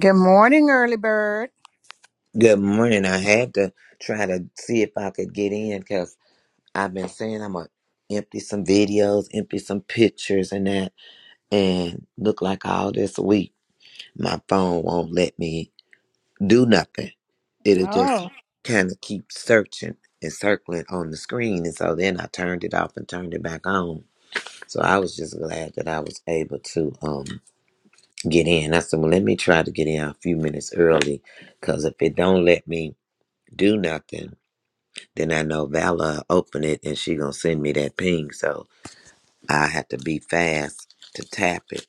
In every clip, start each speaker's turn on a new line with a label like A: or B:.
A: Good morning, early bird.
B: Good morning. I had to try to see if I could get in because I've been saying I'm gonna empty some videos, empty some pictures and that, and look like all this week my phone won't let me do nothing. It'll just
A: Oh,
B: kind of keep searching and circling on the screen, and so then I turned it off and turned it back on. So I was just glad that I was able to um get in. I said, well, let me try to get in a few minutes early because if it don't let me do nothing Then I know Vala open it and she gonna send me that ping, so I have to be fast to tap it.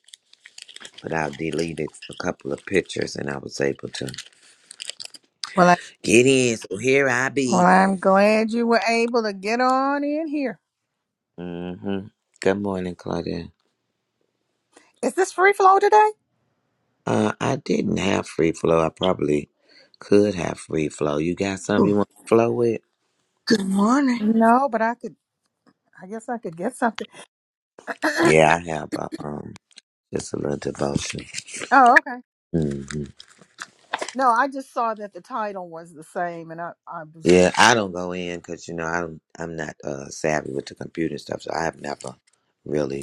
B: But I deleted a couple of pictures and I was able to
A: Well, I,
B: get in. So here I be.
A: well, I'm glad you were able to get on in here.
B: mm hmm Good morning, Claudia.
A: Is this free flow today?
B: Uh, I didn't have free flow. I probably could have free flow. You got something you
C: Ooh,
B: want to flow with?
C: Good morning.
A: No, but I could. I guess I could get something. oh,
B: Yeah, I have a, um just a little devotion.
A: okay.
B: hmm
A: No, I just saw that the title was the same, and I, I was.
B: Yeah, I don't go in because you know I don't. I'm not uh, savvy with the computer stuff, so I have never really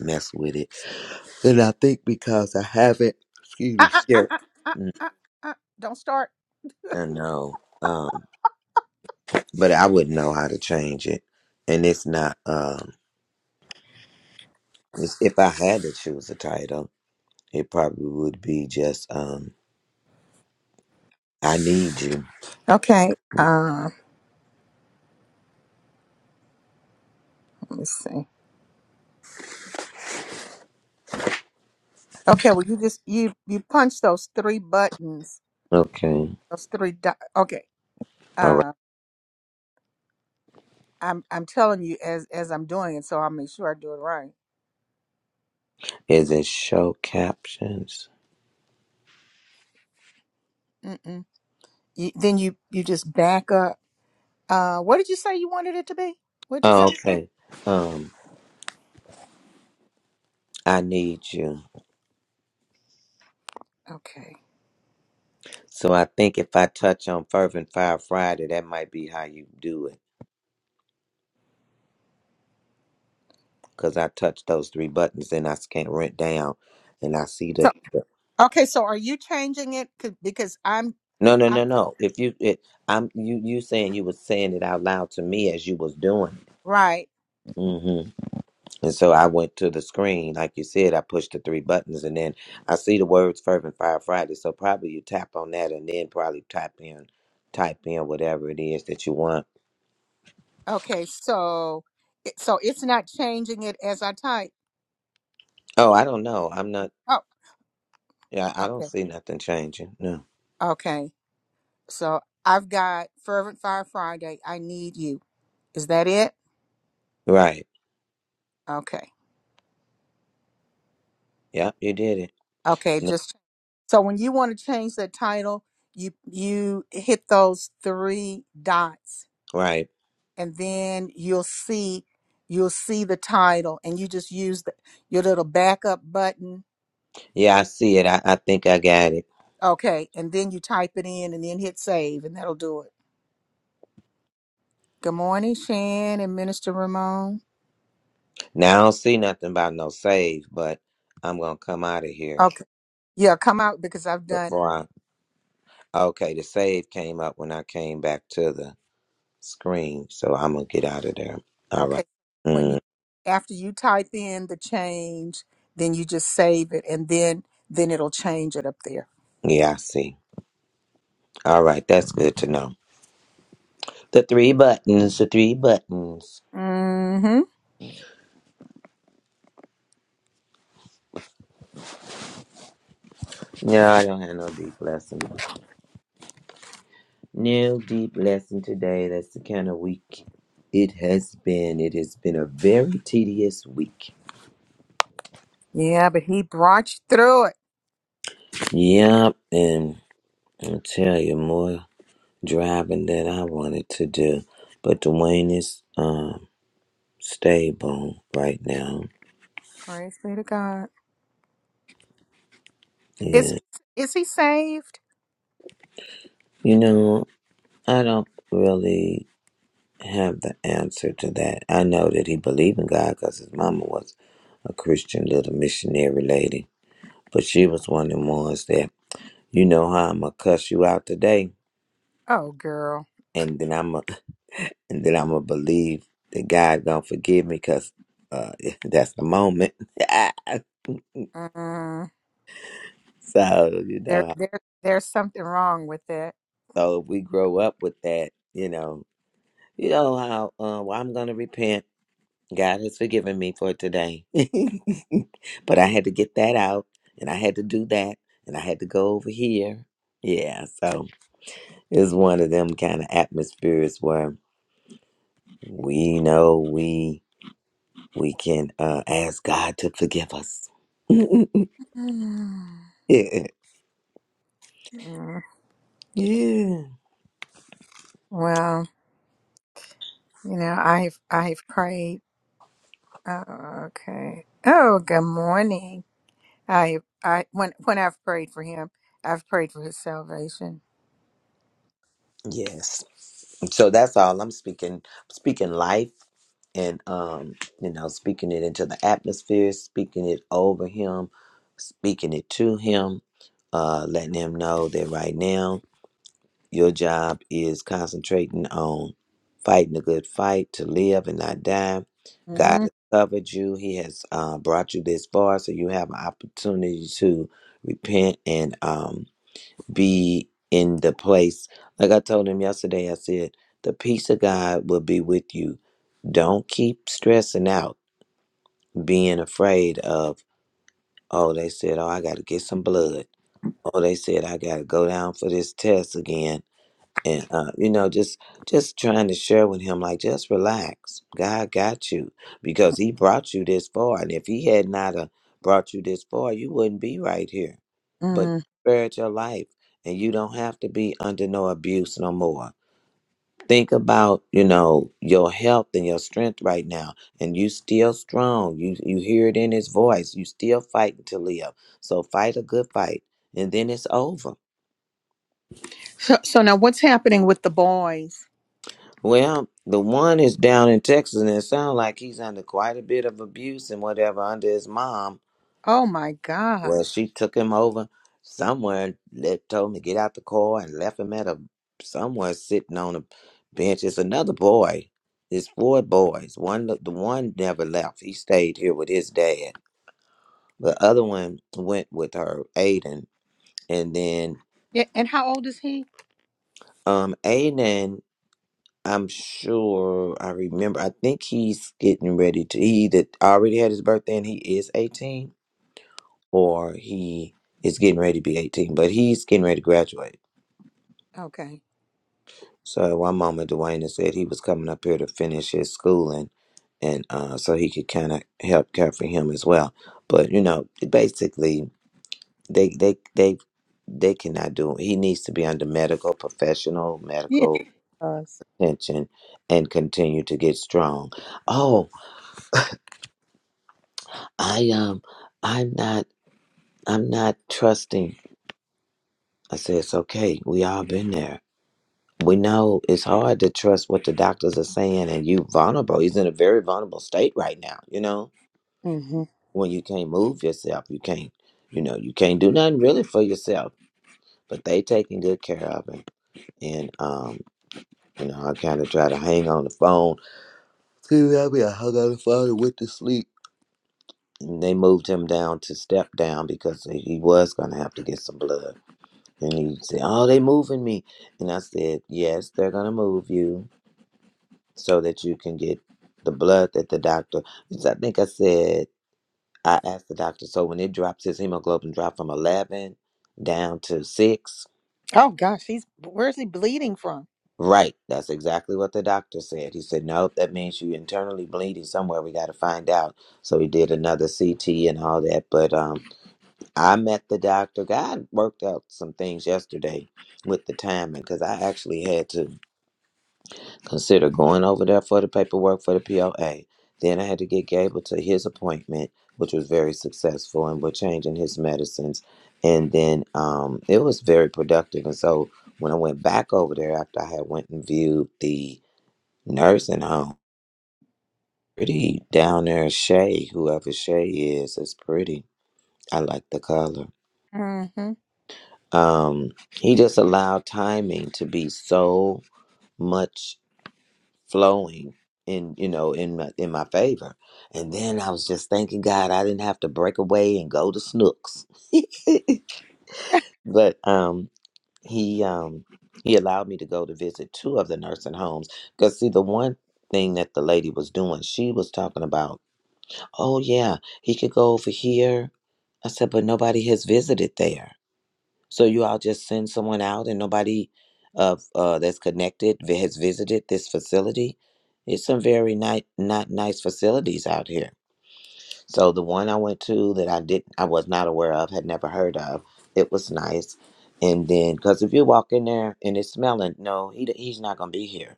B: mess with it. And I think because I haven't, excuse me,
A: Ah, ah,
B: shared.
A: ah, ah, ah,
B: Mm,
A: ah, ah. Don't start.
B: I know, um, but I wouldn't know how to change it. And it's not. Um, it's, if I had to choose a title, it probably would be just um, "I Need You."
A: Okay. Uh, let me see. Okay. Well, you just you you punch those three buttons.
B: Okay,
A: Those three. Di- okay.
B: all right.
A: Uh, I'm I'm telling you as as I'm doing it, so I'll make sure I do it
B: Is it show captions?
A: right. You, then you you just back up. Uh, what did you say you wanted it to be? What did you
B: Oh,
A: say?
B: okay. Um, I need you.
A: Okay.
B: So I think if I touch on Fervent Fire Friday, that might be how you do it. because I touched those three buttons and I can't rent down, and I see
A: So
B: the. the-
A: okay. So are you changing it? 'Cause- Because I'm
B: No, no, no,
A: I'm
B: no. If you, it, I'm you. You saying you was saying it out loud to me as you was doing
A: right.
B: it. hmm And so I went to the screen, like you said. I pushed the three buttons, and then I see the words "Fervent Fire Friday." So probably you tap on that, and then probably type in, type in whatever it is that you want.
A: Okay. So it- so it's not changing it as I type.
B: Oh, I don't know. I'm not.
A: Oh.
B: Yeah, I don't
A: Okay.
B: see nothing changing. No.
A: Okay. So I've got fervent fire Friday. I need you. Is that it?
B: Right.
A: Okay.
B: Yep. You did it.
A: Okay.
B: No.
A: Just so when you want to change the title, you you hit those three dots
B: Right.
A: and then you'll see you'll see the title and you just use the, your little backup button
B: Yeah, I see it. I, I think I got it.
A: okay and then you type it in and then hit save and that'll do it good morning shan and minister ramon
B: Now I don't see nothing about no save, but I'm gonna come out of here
A: okay yeah come out because i've done it
B: before I. Okay, the save came up when I came back to the screen, so I'm gonna get out of there. All right.
A: okay when you
B: Mm,
A: after you type in the change then you just save it and then then it'll change it up there
B: yeah, I see. All right, that's good to know. The three buttons, the three buttons.
A: mm-hmm
B: No, I don't have no deep lesson. No deep lesson today. That's the kind of week it has been. It has been a very tedious week.
A: yeah but he brought you through it
B: Yep, and I'll tell you more. driving that I wanted to do. But Dwayne is um, stable right now.
A: praise be to god is
B: And,
A: is he saved
B: you know, I don't really have the answer to that. I know that he believed in God because his mama was a Christian little missionary lady. But she was one of the ones that, you know how I'm going to cuss you out today.
A: oh girl
B: And then I'm going and then I'm going to believe that God going to forgive me because uh, that's the moment.
A: Mm,
B: so, you
A: there,
B: know.
A: there, there's something wrong with it.
B: So if we grow up with that, you know, you know how uh, well I'm gonna repent. God has forgiven me for today, but I had to get that out, and I had to do that, and I had to go over here. Yeah, so it's one of them kind of atmospheres where we know we we can uh, ask God to forgive us.
A: Mm,
B: yeah, yeah,
A: well, you know, I've, I've prayed. Oh, okay. Oh, good morning. I, I, when, when I've prayed for him, I've prayed for his salvation.
B: yes. So that's all I'm speaking. Speaking life and um, you know, speaking it into the atmosphere, speaking it over him, speaking it to him, uh, letting him know that right now your job is concentrating on fighting a good fight to live and not die. God
A: Mm,
B: has covered you. He has uh, brought you this far, so you have an opportunity to repent and um, be in the place. Like I told him yesterday, I said, the peace of God will be with you. Don't keep stressing out, being afraid of, oh, they said, oh, I got to get some blood. Oh, they said, I got to go down for this test again and uh, you know just just trying to share with him like just relax god got you because he brought you this far and if he had not uh, brought you this far you wouldn't be right here but
A: mm.
B: he spared your life and you don't have to be under no abuse no more think about you know your health and your strength right now and you still strong you you hear it in his voice you still fighting to live so fight a good fight and then it's over
A: So, so now what's happening with the boys?
B: Well, the one is down in Texas, and it sounds like he's under quite a bit of abuse and whatever under his mom.
A: Oh my
B: Well,
A: gosh.
B: she took him over somewhere and let, told him to get out the car and left him at a somewhere sitting on a bench. It's another boy. It's four boys. One, the one never left. He stayed here with his dad. The other one went with her, Aiden, and then
A: Yeah. And how old is he?
B: um Aiden. I'm sure I remember. I think he's getting ready to. He either already had his birthday and he is 18, or he is getting ready to be 18, but he's getting ready to graduate.
A: Okay.
B: So one moment, Dwayne said he was coming up here to finish his schooling, and uh, so he could kind of help care for him as well. But you know, basically, they they they they cannot do. He needs to be under medical professional
A: Yeah.
B: medical
A: he
B: attention and continue to get strong. Oh. I um I'm not I'm not trusting. I said it's okay. We all been there. We know it's hard to trust what the doctors are saying and you vulnerable. He's in a very vulnerable state right now, you know?
A: Mhm.
B: When you can't move yourself, you can't you know, you can't do nothing really for yourself. But they taking good care of him. And um, you know, I kinda try to hang on the phone. Excuse me, I hung on the phone and went to sleep. And they moved him down to step down because he was gonna have to get some blood And he said, Oh, they moving me. And I said, Yes, they're gonna move you so that you can get the blood that the doctor because I think I said I asked the doctor, so when it drops his hemoglobin drop from eleven down to six,
A: Oh gosh, he's where's he bleeding from?
B: right, that's exactly what the doctor said. He said, No, that means you internally bleeding somewhere, we gotta find out. So he did another C T and all that. But um I met the doctor. God worked out some things yesterday with the timing because I actually had to Consider going over there for the paperwork for the POA. Then I had to get Gable to his appointment, which was very successful, and we're changing his medicines. And then um, it was very productive. And so when I went back over there after I had went and viewed the nursing home, pretty down there, Shay, whoever Shay is, is pretty. I like the color.
A: Mm-hmm.
B: Um, he just allowed timing to be so much flowing in you know in my in my favor and then i was just thanking god i didn't have to break away and go to snooks but um he um he allowed me to go to visit two of the nursing homes because see the one thing that the lady was doing she was talking about oh yeah he could go over here i said but nobody has visited there so you all just send someone out, and nobody of uh, that's connected vi- has visited this facility. It's some very nice, not nice facilities out here. So the one I went to that I did, I was not aware of, had never heard of. It was nice, and then because if you walk in there and it's smelling, no, he d- he's not gonna be here.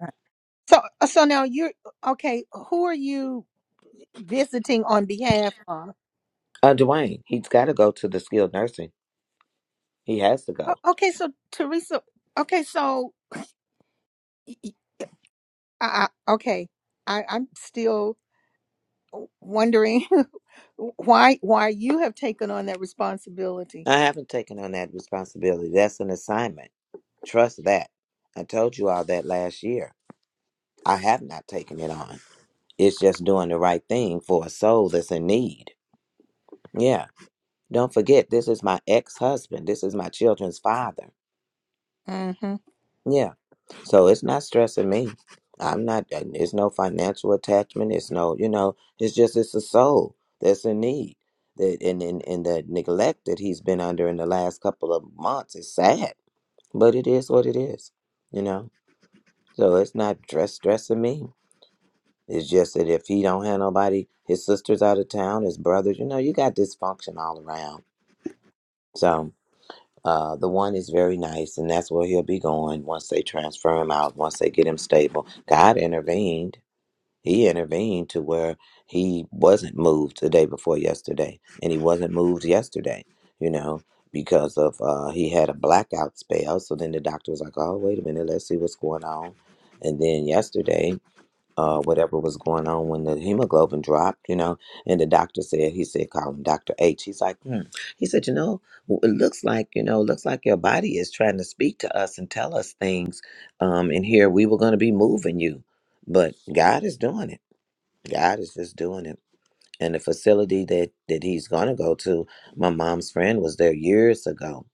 A: So, uh, so now you're okay. Who are you visiting on behalf of?
B: Uh, Dwayne, he's got to go to the skilled nursing. He has to go.
A: O- Okay, so Teresa. Okay, so y- y- I, I- okay, I, I'm still wondering why why you have taken on that responsibility.
B: I haven't taken on that responsibility. That's an assignment. Trust that. I told you all that last year. I have not taken it on. It's just doing the right thing for a soul that's in need. Yeah. Don't forget, this is my ex husband. This is my children's father.
A: Mm-hmm.
B: Yeah. So it's not stressing me. I'm not, uh, it's no financial attachment. It's no, you know, it's just, it's a soul that's in need. That, and, and, and the neglect that he's been under in the last couple of months is sad, but it is what it is, you know? So it's not stress stressing me. It's just that if he don't have nobody, his sister's out of town, his brothers, you know, you got dysfunction all around. So uh, the one is very nice, and that's where he'll be going once they transfer him out, once they get him stable. God intervened. He intervened to where he wasn't moved the day before yesterday, and he wasn't moved yesterday, you know, because of uh, he had a blackout spell. So then the doctor was like, oh, wait a minute, let's see what's going on. And then yesterday, uh, whatever was going on when the hemoglobin dropped, you know. And the doctor said, he said, call him Dr. H. He's like, hmm. he said, you know, w- it looks like, you know, it looks like your body is trying to speak to us and tell us things. Um, and here we were going to be moving you, but God is doing it. God is just doing it. And the facility that that he's going to go to, my mom's friend was there years ago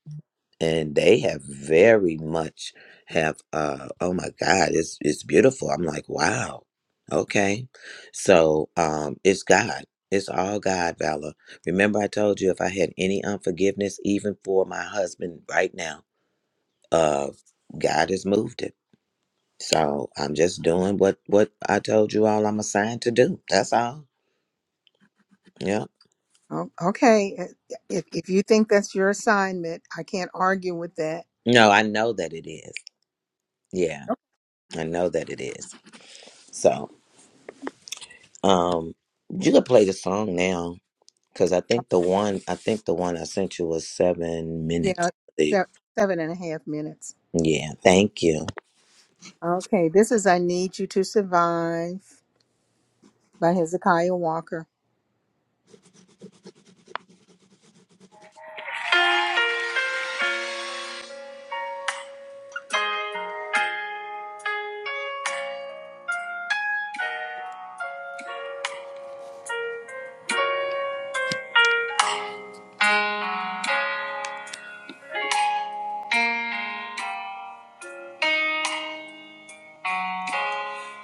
B: and they have very much have uh oh my god it's it's beautiful i'm like wow okay so um it's god it's all god valor remember i told you if i had any unforgiveness even for my husband right now uh god has moved it so i'm just doing what what i told you all i'm assigned to do that's all yeah
A: Oh, okay. Uh, If if you think that's your assignment, I can't argue with that.
B: no i know that it is yeah
A: Okay.
B: i know that it is so um you can play the song now Because I think the one I think the one I sent you was seven minutes.
A: Yeah,
B: I believe.
A: se- seven and a half minutes.
B: Yeah, thank you.
A: Okay, this is I Need You to Survive by Hezekiah Walker.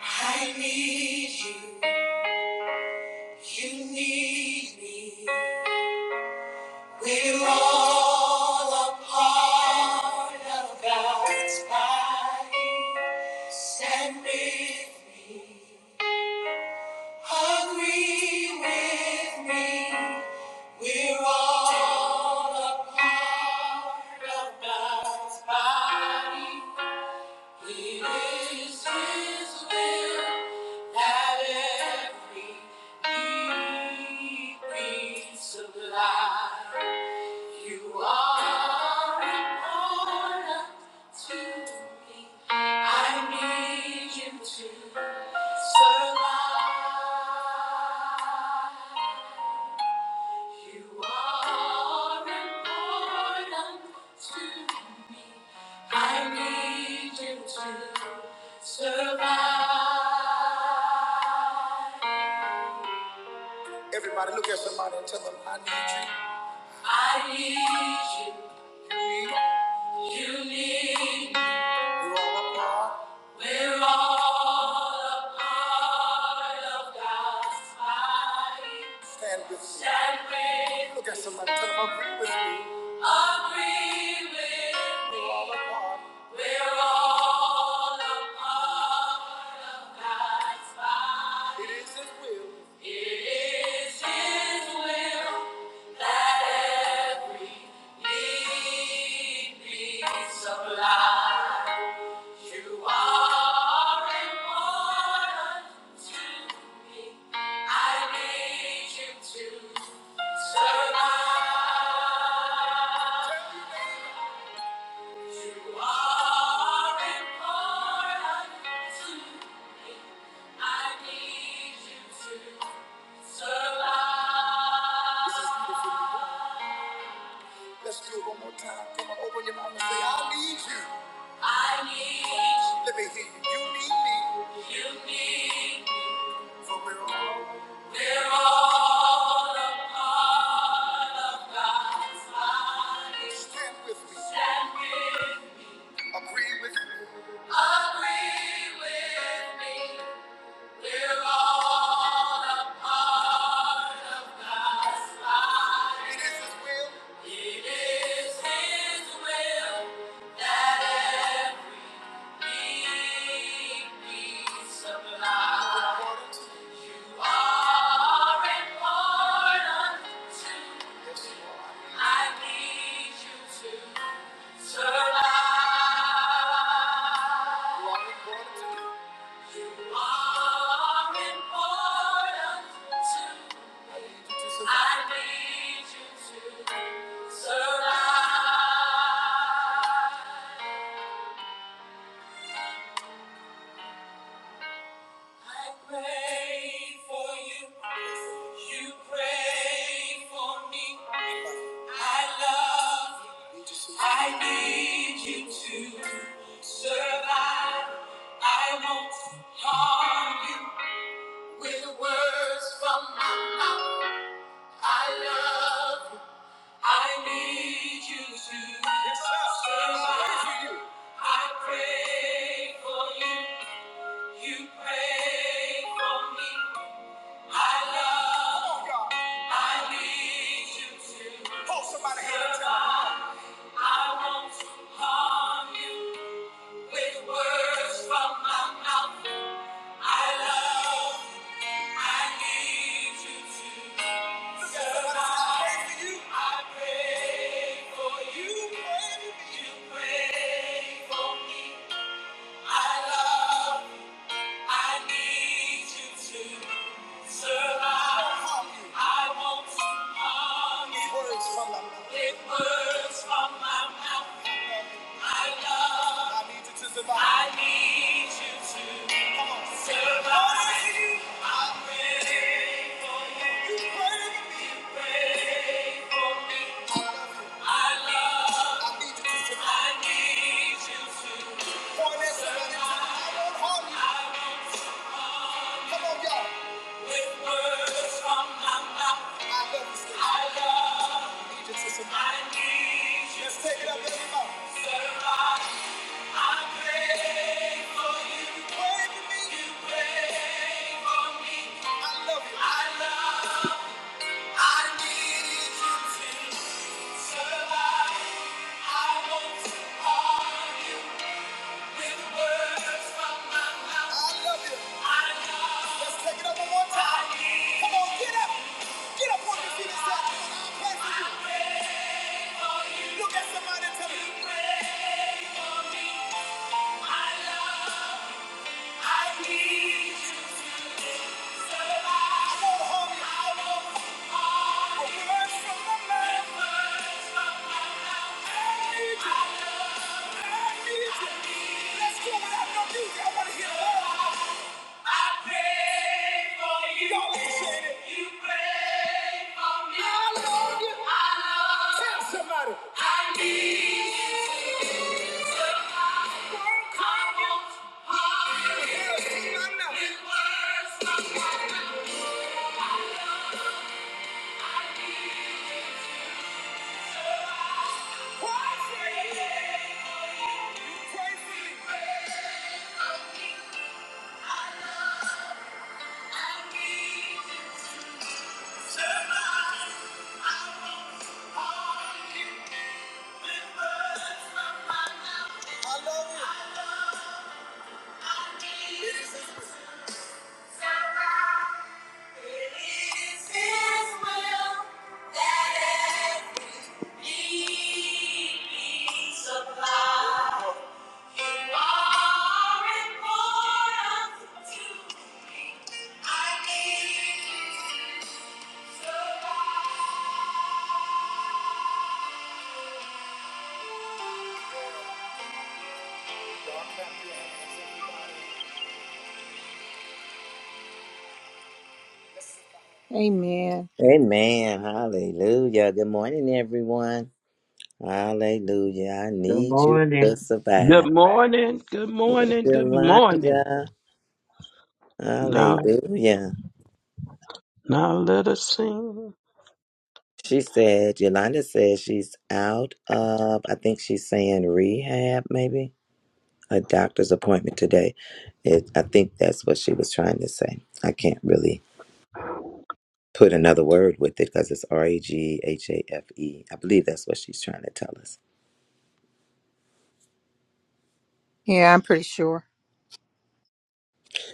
A: I need you, you need me. We're all a part of God's body. Stand with me, agree with me. We're at every need we supply. You are too. I need you too. Everybody look at somebody and tell them I need I need you, you need me. We're all a part of God's body. Stand with me. Stand with me. Look at somebody. Tell them, agree with me. Agree with me. We're all a part. We're all a part of God's body. It is His will. It is His will that every need be supplied. You are important to me. I need you to survive. You are important to me. I need you to survive. Let's do it one more time. Come on, open your mouth and say, I need you. I need you. Let me hear you. You need me. You need me. For we're all. We're all. Stand with me. Stand with. me. Agree with me. Agree with me. We're all a part of. something. It is His will. It is His will that every need be supplied. I pray for you. You pray for me. I love. I need you to survive. I won't harm you with words from my mouth. I love you. I need you to Yes, sir. survive. I pray for you. You pray for me. I love Come on, y'all. I need you to Hold somebody hand and tell 'em. survive. Tonight. I won't harm you. With words from my mouth, I love, I need you to survive. I pray for you, you pray for me. I love. I need you to survive. I want to harm you. Words from the mouth. With words from my mouth. I love. I need you to survive. I need you to Come on. survive. Only you. I'm ready for you. You ready? You ready for me? I love. you. I love. I need you to survive. I need you to. Come on, I won't harm you. all Look at somebody and tell them, you pray for me. I love you. Let's go without no I want to hear the Thank you. I love you. It is His will. It is His will that every need be supplied. You are important to me. I need you to survive. Amen.
B: Amen. Hallelujah. Good morning, everyone. Hallelujah. I
D: Good
B: need you to
D: morning.
B: survive.
E: Good morning, good morning, good morning.
B: Yolanda.
E: Now,
B: Hallelujah.
E: now let us sing.
B: She said, Yolanda says she's out of, I think she's saying rehab, maybe, a doctor's appointment today. It, I think that's what she was trying to say. I can't really put another word with it because it's R A G H A F E. I believe that's what she's trying to tell us.
A: Yeah, I'm pretty sure.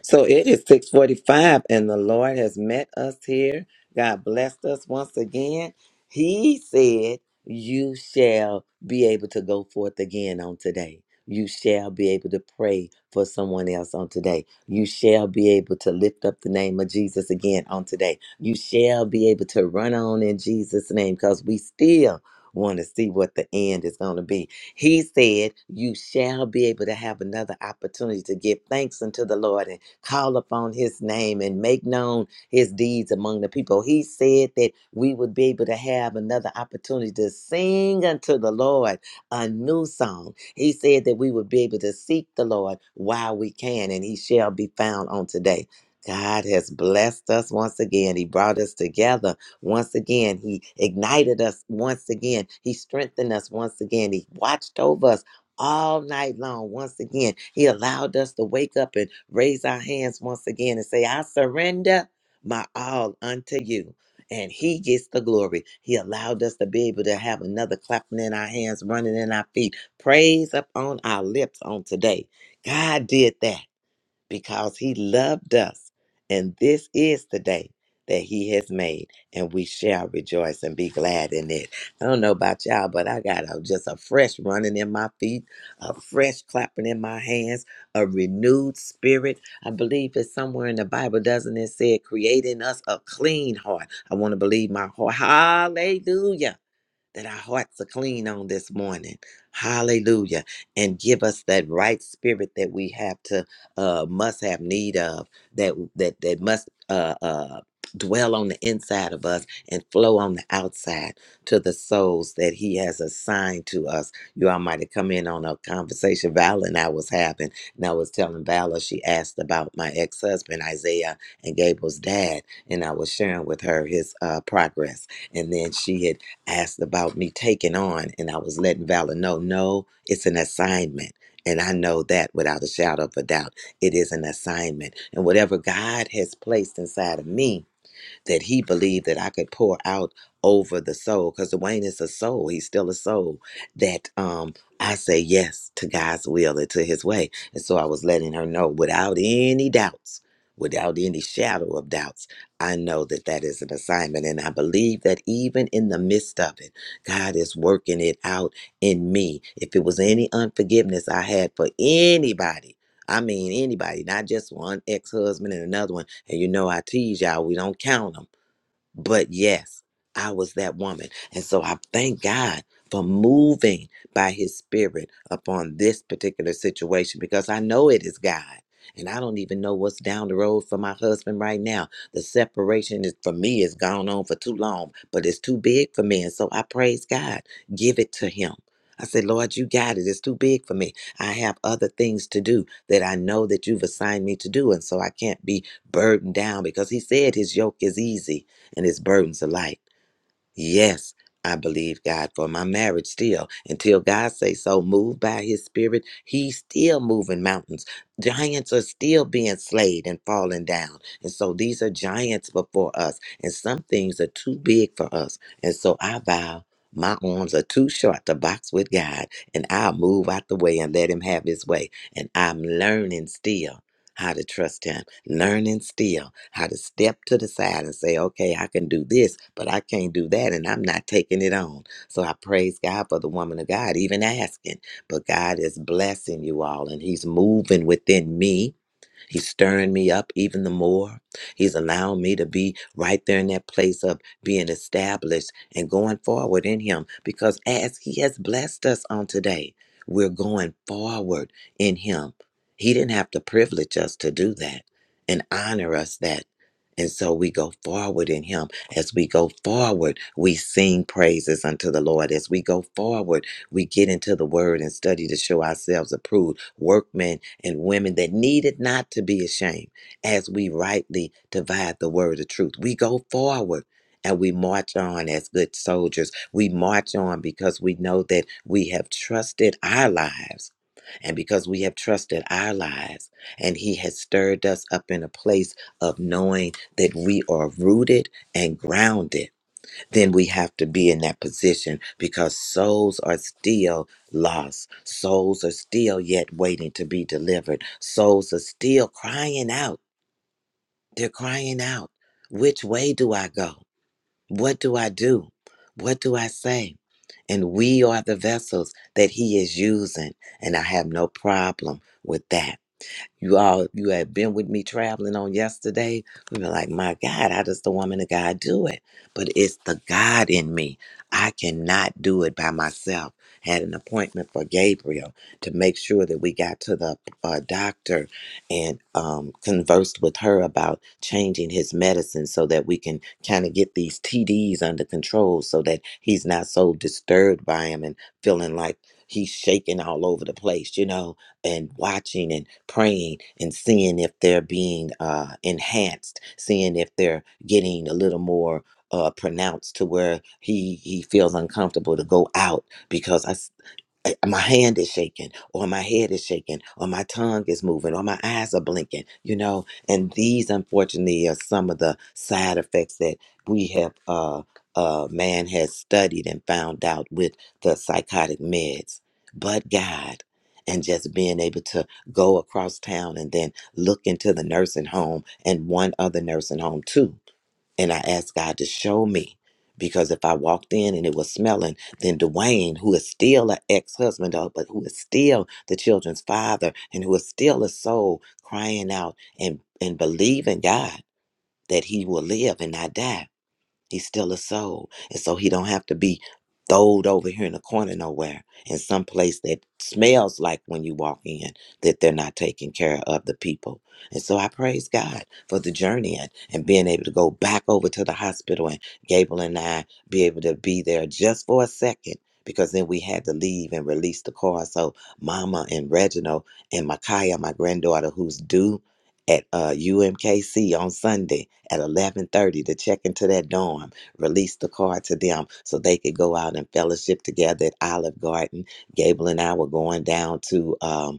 B: So it is 645 and the Lord has met us here. God blessed us once again. He said, you shall be able to go forth again on today. You shall be able to pray for someone else on today. You shall be able to lift up the name of Jesus again on today. You shall be able to run on in Jesus' name because we still want to see what the end is going to be. He said, You shall be able to have another opportunity to give thanks unto the Lord call upon his name and make known his deeds among the people. He said that we would be able to have another opportunity to sing unto the Lord a new song. He said that we would be able to seek the Lord while we can, and he shall be found on today. God has blessed us once again. He brought us together once again. He ignited us once again. He strengthened us once again. He watched over us all night long. Once again, He allowed us to wake up and raise our hands once again and say, I surrender my all unto you. And He gets the glory. He allowed us to be able to have another clapping in our hands, running in our feet, praise up on our lips on today. God did that because he loved us. And this is the day that he has made, and we shall rejoice and be glad in it. I don't know about y'all, but I got a, just a fresh running in my feet, a fresh clapping in my hands, a renewed spirit. I believe it's somewhere in the Bible, doesn't it? Say, creating us a clean heart. I want to believe my heart. Hallelujah that our hearts are clean on this morning. Hallelujah. And give us that right spirit that we have to uh must have need of that that that must uh uh dwell on the inside of us and flow on the outside to the souls that he has assigned to us. You all might have come in on a conversation Val and I was having and I was telling Vala she asked about my ex-husband Isaiah and Gable's dad and I was sharing with her his uh progress and then she had asked about me taking on, and I was letting Valor know, no, it's an assignment. And I know that without a shadow of a doubt, it is an assignment. And whatever God has placed inside of me, that he believed that I could pour out over the soul because Dwayne is a soul. He's still a soul that um, I say yes to God's will and to his way. And so I was letting her know without any doubts, without any shadow of doubts, I know that that is an assignment. And I believe that even in the midst of it, God is working it out in me. If it was any unforgiveness I had for anybody, I mean, anybody, not just one ex husband and another one. And you know, I tease y'all, we don't count 'em. But yes, I was that woman. And so I thank God for moving by his spirit upon this particular situation because I know it is God. And I don't even know what's down the road for my husband right now. The separation is for me has gone on for too long, but it's too big for me. And so I praise God. Give it to him. I said, Lord, you got it. It's too big for me. I have other things to do that I know that you've assigned me to do. And so I can't be burdened down because he said his yoke is easy and his burdens are light. Yes, I believe God for my marriage still. Until God say so, moved by his spirit, he's still moving mountains. Giants are still being slayed and falling down. And so these are giants before us. And some things are too big for us. And so I vow my arms are too short to box with God. And I'll move out the way and let him have his way. And I'm learning still how to trust him, learning still how to step to the side and say, okay, I can do this, but I can't do that, and I'm not taking it on. So I praise God for the woman of God, even asking. But God is blessing you all, and He's moving within me. He's stirring me up even the more. He's allowing me to be right there in that place of being established and going forward in Him because as He has blessed us on today, we're going forward in Him. He didn't have to privilege us to do that and honor us that. And so we go forward in Him. As we go forward, we sing praises unto the Lord. As we go forward, we get into the Word and study to show ourselves approved workmen and women that needed not to be ashamed as we rightly divide the word of truth. We go forward and we march on as good soldiers. We march on because we know that we have trusted our lives. And because we have trusted our lives, and He has stirred us up in a place of knowing that we are rooted and grounded then we have to be in that position because souls are still lost. Souls are still yet waiting to be delivered. Souls are still crying out. They're crying out. Which way do I go? What do I do? What do I say? And we are the vessels that he is using. And I have no problem with that. You all, you had been with me traveling on yesterday. We were like, my God, how does the woman of God do it? But it's the God in me. I cannot do it by myself. Had an appointment for Gabriel to make sure that we got to the uh, doctor and um, conversed with her about changing his medicine so that we can kind of get these TDs under control so that he's not so disturbed by him and feeling like he's shaking all over the place, you know and watching and praying and seeing if they're being uh, enhanced, seeing if they're getting a little more uh, pronounced to where he he feels uncomfortable to go out because I s- my hand is shaking or my head is shaking or my tongue is moving or my eyes are blinking you know and these unfortunately are some of the side effects that we have uh uh man has studied and found out with the psychotic meds but god and just being able to go across town and then look into the nursing home and one other nursing home too and I asked God to show me. Because if I walked in and it was smelling, then Dwayne, who is still an ex husband, but who is still the children's father and who is still a soul crying out and, and believing God that he will live and not die He's still a soul. And so he don't have to be throwed over here in the corner nowhere in some place that smells like when you walk in that they're not taking care of the people. And so I praise God for the journey and, and being able to go back over to the hospital and Gable and I be able to be there just for a second because then we had to leave and release the car. So Mama and Reginald and Micaiah, my granddaughter, who's due at uh, UMKC on Sunday, at 11.30 to check into that dorm, release the card to them so they could go out and fellowship together at Olive Garden. Gable and I were going down to um,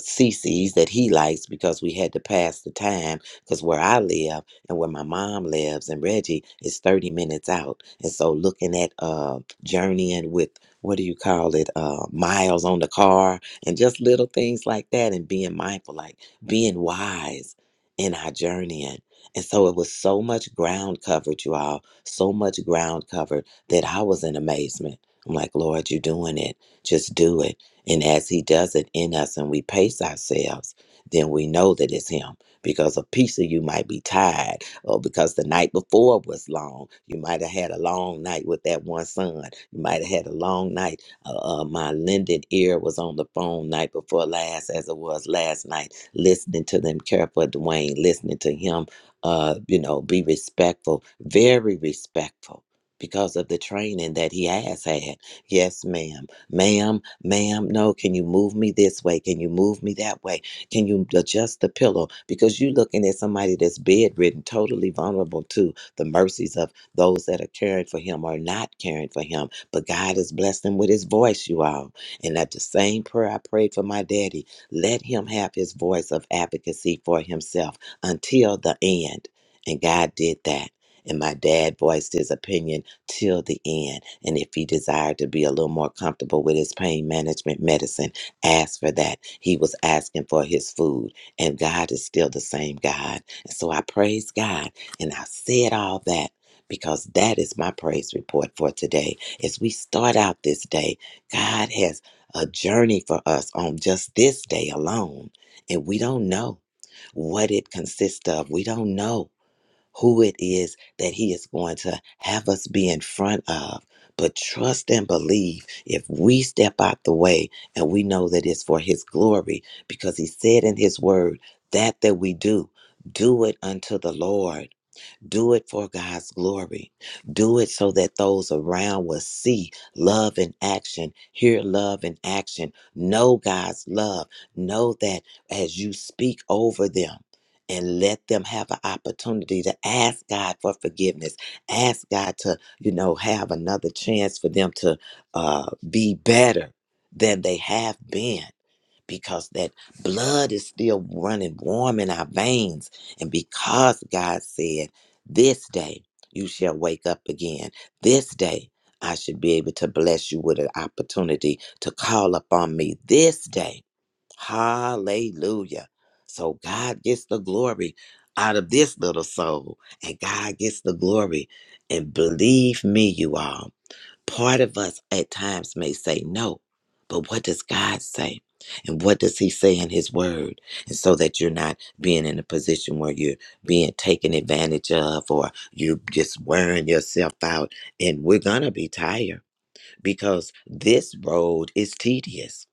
B: CC's that he likes because we had to pass the time because where I live and where my mom lives and Reggie is 30 minutes out. And so looking at uh journeying with what do you call it uh miles on the car and just little things like that and being mindful like being wise in our journeying. And so it was so much ground covered you all, so much ground covered that I was in amazement. I'm like, "Lord, you're doing it. Just do it." And as He does it in us and we pace ourselves, then we know that it's Him because a piece of you might be tired or because the night before was long. You might have had a long night with that one son. You might have had a long night. Uh, uh, my lended ear was on the phone night before last, as it was last night, listening to them care for Dwayne, listening to him, uh, you know, be respectful, very respectful because of the training that he has had. Yes, ma'am ma'am, ma'am, no, can you move me this way? Can you move me that way? Can you adjust the pillow? Because you're looking at somebody that's bedridden, totally vulnerable to the mercies of those that are caring for him or not caring for him. But God has blessed him with his voice, you all. And that the same prayer I prayed for my daddy, let him have his voice of advocacy for himself until the end. And God did that. And my dad voiced his opinion till the end. And if he desired to be a little more comfortable with his pain management medicine, ask for that. He was asking for his food, and God is still the same God. And so I praise God, and I said all that. Because that is my praise report for today. As we start out this day, God has a journey for us on just this day alone. And we don't know what it consists of. We don't know who it is that He is going to have us be in front of. But trust and believe if we step out the way and we know that it's for His glory, because He said in His word, that that we do, do it unto the Lord. Do it for God's glory. Do it so that those around will see love in action, hear love in action, know God's love, know that as you speak over them. And let them have an opportunity to ask God for forgiveness. Ask God to, you know, have another chance for them to uh, be better than they have been because that blood is still running warm in our veins. And because God said, This day you shall wake up again, this day I should be able to bless you with an opportunity to call upon me this day. Hallelujah. So God gets the glory out of this little soul, and God gets the glory. And believe me, you all. Part of us at times may say no, but what does God say? And what does He say in His Word? And so that you're not being in a position where you're being taken advantage of or you're just wearing yourself out. And we're going to be tired because this road is tedious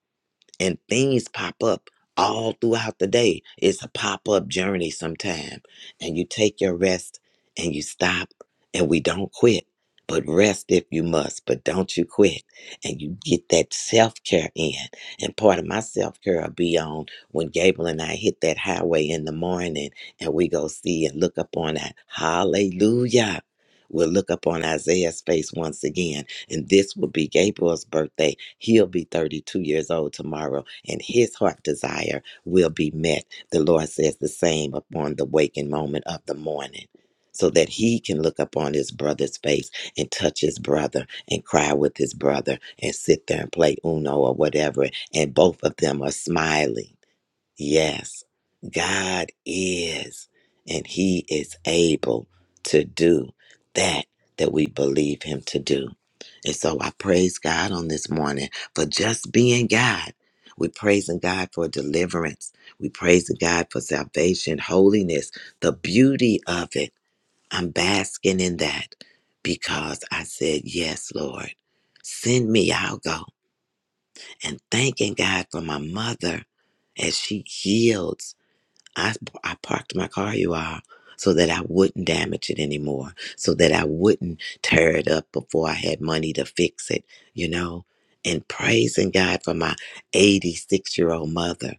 B: and things pop up all throughout the day. It's a pop up journey sometime. And you take your rest and you stop and we don't quit. But rest if you must, but don't you quit. And you get that self care in. And part of my self care will be on when Gabriel and I hit that highway in the morning and we go see and look up on that. Hallelujah. We'll look up on Isaiah's face once again. And this will be Gabriel's birthday He'll be 32 years old tomorrow, and his heart desire will be met. The Lord says the same upon the waking moment of the morning. So that he can look upon his brother's face and touch his brother and cry with his brother and sit there and play Uno or whatever, and both of them are smiling Yes, God is, and He is able to do that that we believe Him to do. And so I praise God on this morning for just being God. We're praising God for deliverance. We praising God for salvation, holiness, the beauty of it. I'm basking in that because I said, Yes, Lord, send me, I'll go. And thanking God for my mother as she heals I, I parked my car, you all, so that I wouldn't damage it anymore, so that I wouldn't tear it up before I had money to fix it, you know? And praising God for my 86 year old mother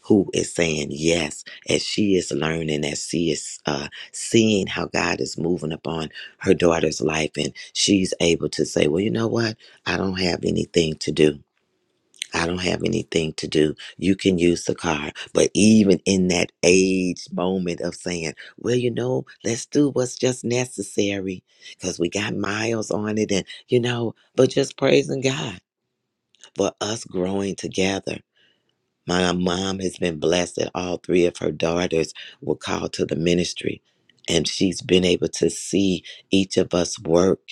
B: who is saying yes as she is learning, as she is uh, seeing how God is moving upon her daughter's life. And she's able to say, well, you know what? I don't have anything to do. I don't have anything to do. You can use the car. But even in that age moment of saying, well, you know, let's do what's just necessary because we got miles on it. And, you know, but just praising God for us growing together. My mom has been blessed that all three of her daughters were called to the ministry. And she's been able to see each of us work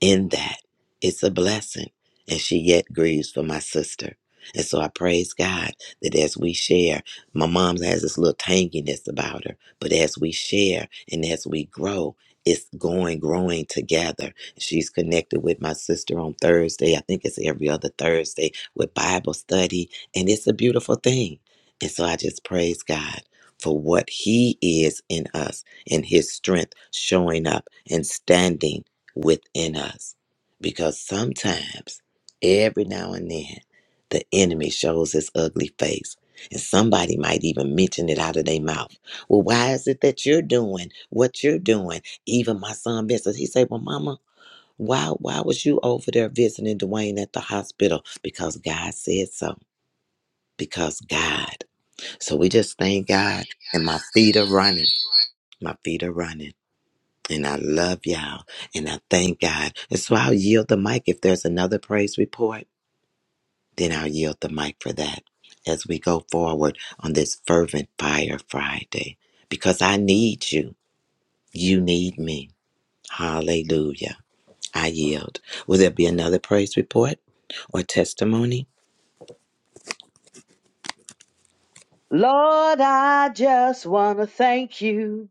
B: in that it's a blessing and she yet grieves for my sister and so i praise god that as we share my mom has this little tanginess about her but as we share and as we grow it's going growing together she's connected with my sister on thursday i think it's every other thursday with bible study and it's a beautiful thing and so i just praise god for what he is in us and his strength showing up and standing within us. Because sometimes, every now and then, the enemy shows his ugly face. And somebody might even mention it out of their mouth. Well, why is it that you're doing what you're doing? Even my son Vincent, he said, Well, mama, why why was you over there visiting Dwayne at the hospital? Because God said so. Because God. So we just thank God and my feet are running. My feet are running. And I love y'all. And I thank God. And so I'll yield the mic. If there's another praise report, then I'll yield the mic for that as we go forward on this fervent fire Friday. Because I need you. You need me. Hallelujah. I yield. Will there be another praise report or testimony?
D: Lord, I just want to thank you.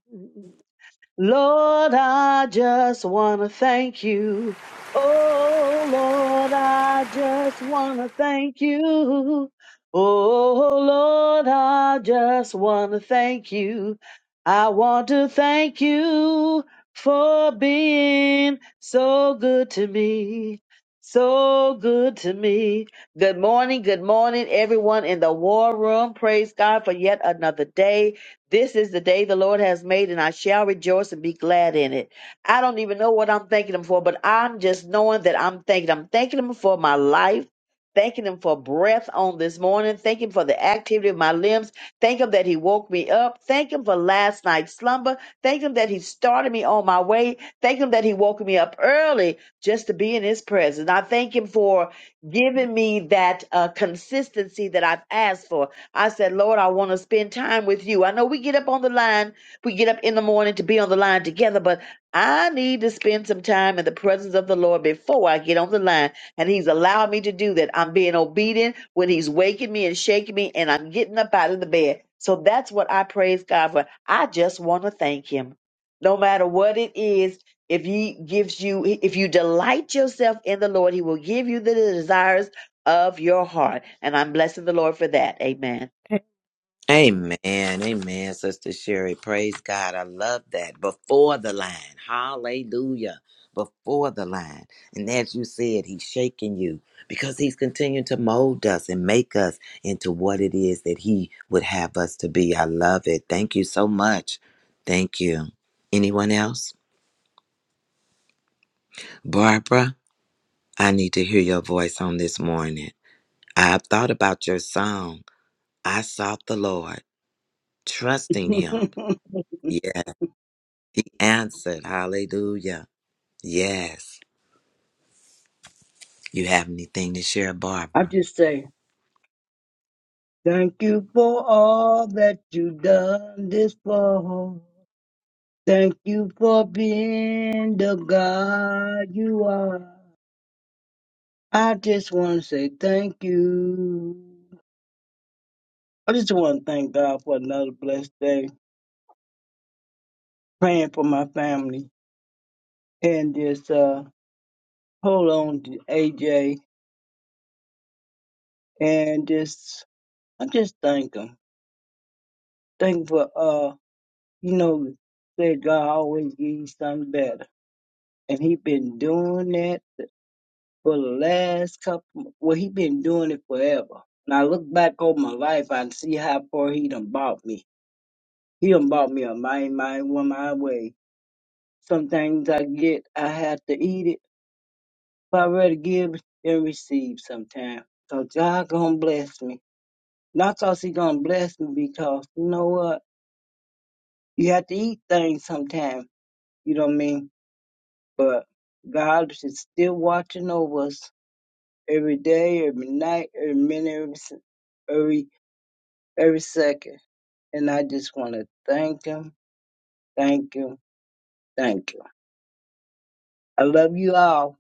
D: Lord, I just want to thank you. Oh, Lord, I just want to thank you. Oh, Lord, I just want to thank you. I want to thank you for being so good to me. So good to me. Good morning. Good morning, everyone in the war room. Praise God for yet another day. This is the day the Lord has made, and I shall rejoice and be glad in it. I don't even know what I'm thanking Him for, but I'm just knowing that I'm thanking. I'm thanking Him for my life, thanking Him for breath on this morning, thanking Him for the activity of my limbs, thank Him that He woke me up, thank Him for last night's slumber, thank Him that He started me on my way, thank Him that He woke me up early just to be in His presence. I thank Him for giving me that uh, consistency that I've asked for. I said, Lord, I want to spend time with you. I know we get up on the line, we get up in the morning to be on the line together, but I need to spend some time in the presence of the Lord before I get on the line. And He's allowed me to do that. I'm being obedient when He's waking me and shaking me, and I'm getting up out of the bed. So that's what I praise God for. I just want to thank Him. No matter what it is, if He gives you, if you delight yourself in the Lord, He will give you the desires of your heart. And I'm blessing the Lord for that. Amen.
B: Amen. Amen, Sister Sherry. Praise God. I love that. Before the line. Hallelujah. Before the line. And as you said, he's shaking you because he's continuing to mold us and make us into what it is that he would have us to be. I love it. Thank you so much. Thank you. Anyone else? Barbara, I need to hear your voice on this morning. I've thought about your song. I sought the Lord, trusting him. answered. Hallelujah. Yes. You have anything to share,
F: I
B: Barbara?
F: just say, thank you for all that you've done this fall. Thank you for being the God you are. I just want to say thank you. I just want to thank God for another blessed day, praying for my family, and just uh, hold on to AJ, and just I just thank him. Thank him for uh, you know, say God always gives you something better. and he been doing that for the last couple. Well, he been doing it forever. When I look back over my life, I see how far he done bought me. He done bought me a mind, mind, one my way. Some things I get, I have to eat it. But I rather give than receive sometimes. So God gonna bless me. Not cause he gonna bless me because you know what? You have to eat things sometimes. You know what I mean? But God is still watching over us every day, every night, every minute, every se- every, every second. And I just want to thank him, thank him, thank him. I love you all.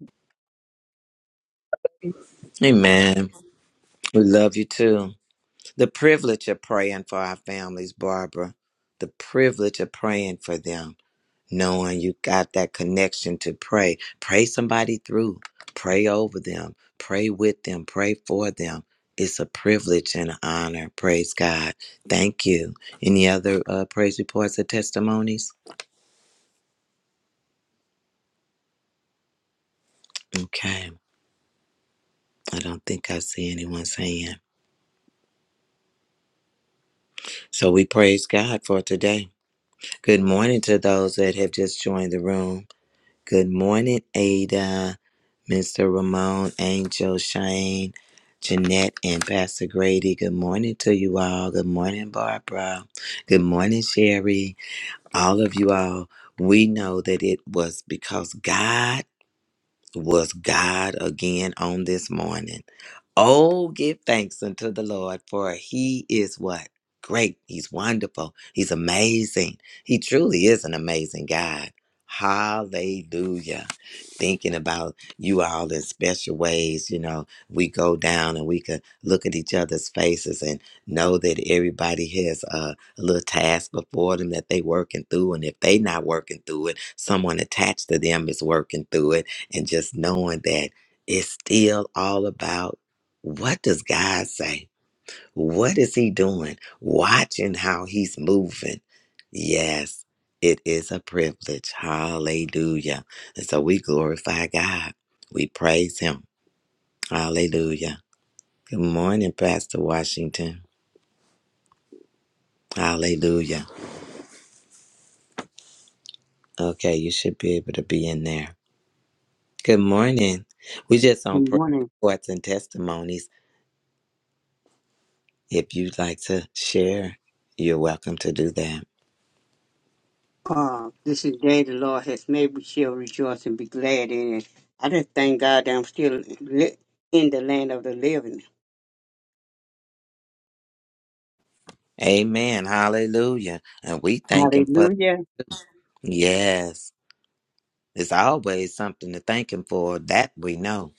F: Yeah,
B: Amen. We love you too. The privilege of praying for our families, Barbara. The privilege of praying for them, knowing you got that connection to pray. Pray somebody through, pray over them, pray with them, pray for them. It's a privilege and an honor. Praise God. Thank you. Any other uh, praise reports or testimonies? Okay. I don't think I see anyone saying. So we praise God for today. Good morning to those that have just joined the room. Good morning, Ada, Mr. Ramon, Angel, Shane, Jeanette, and Pastor Grady. Good morning to you all. Good morning, Barbara. Good morning, Sherry. All of you all. We know that it was because God was God again on this morning. Oh, give thanks unto the Lord, for he is what? Great. He's wonderful. He's amazing. He truly is an amazing God. Hallelujah. Thinking about you all in special ways, you know, we go down and we could look at each other's faces and know that everybody has a, a little task before them that they working through. And if they not working through it, someone attached to them is working through it and just knowing that it's still all about what does God say? What is he doing? Watching how he's moving. Yes, it is a privilege. Hallelujah. And so we glorify God. We praise him. Hallelujah. Good morning, Pastor Washington. Hallelujah. Okay, you should be able to be in there. Good morning. We just on
G: Good
B: prayer
G: morning.
B: reports and testimonies. If you'd like to share, you're welcome to do that.
G: Uh, this is the day the Lord has made. We shall rejoice and be glad in it. I just thank God that I'm still li- in the land of the living.
B: Amen. Hallelujah. And we thank him for
G: Hallelujah.
B: yes. It's always something to thank Him for. That we know.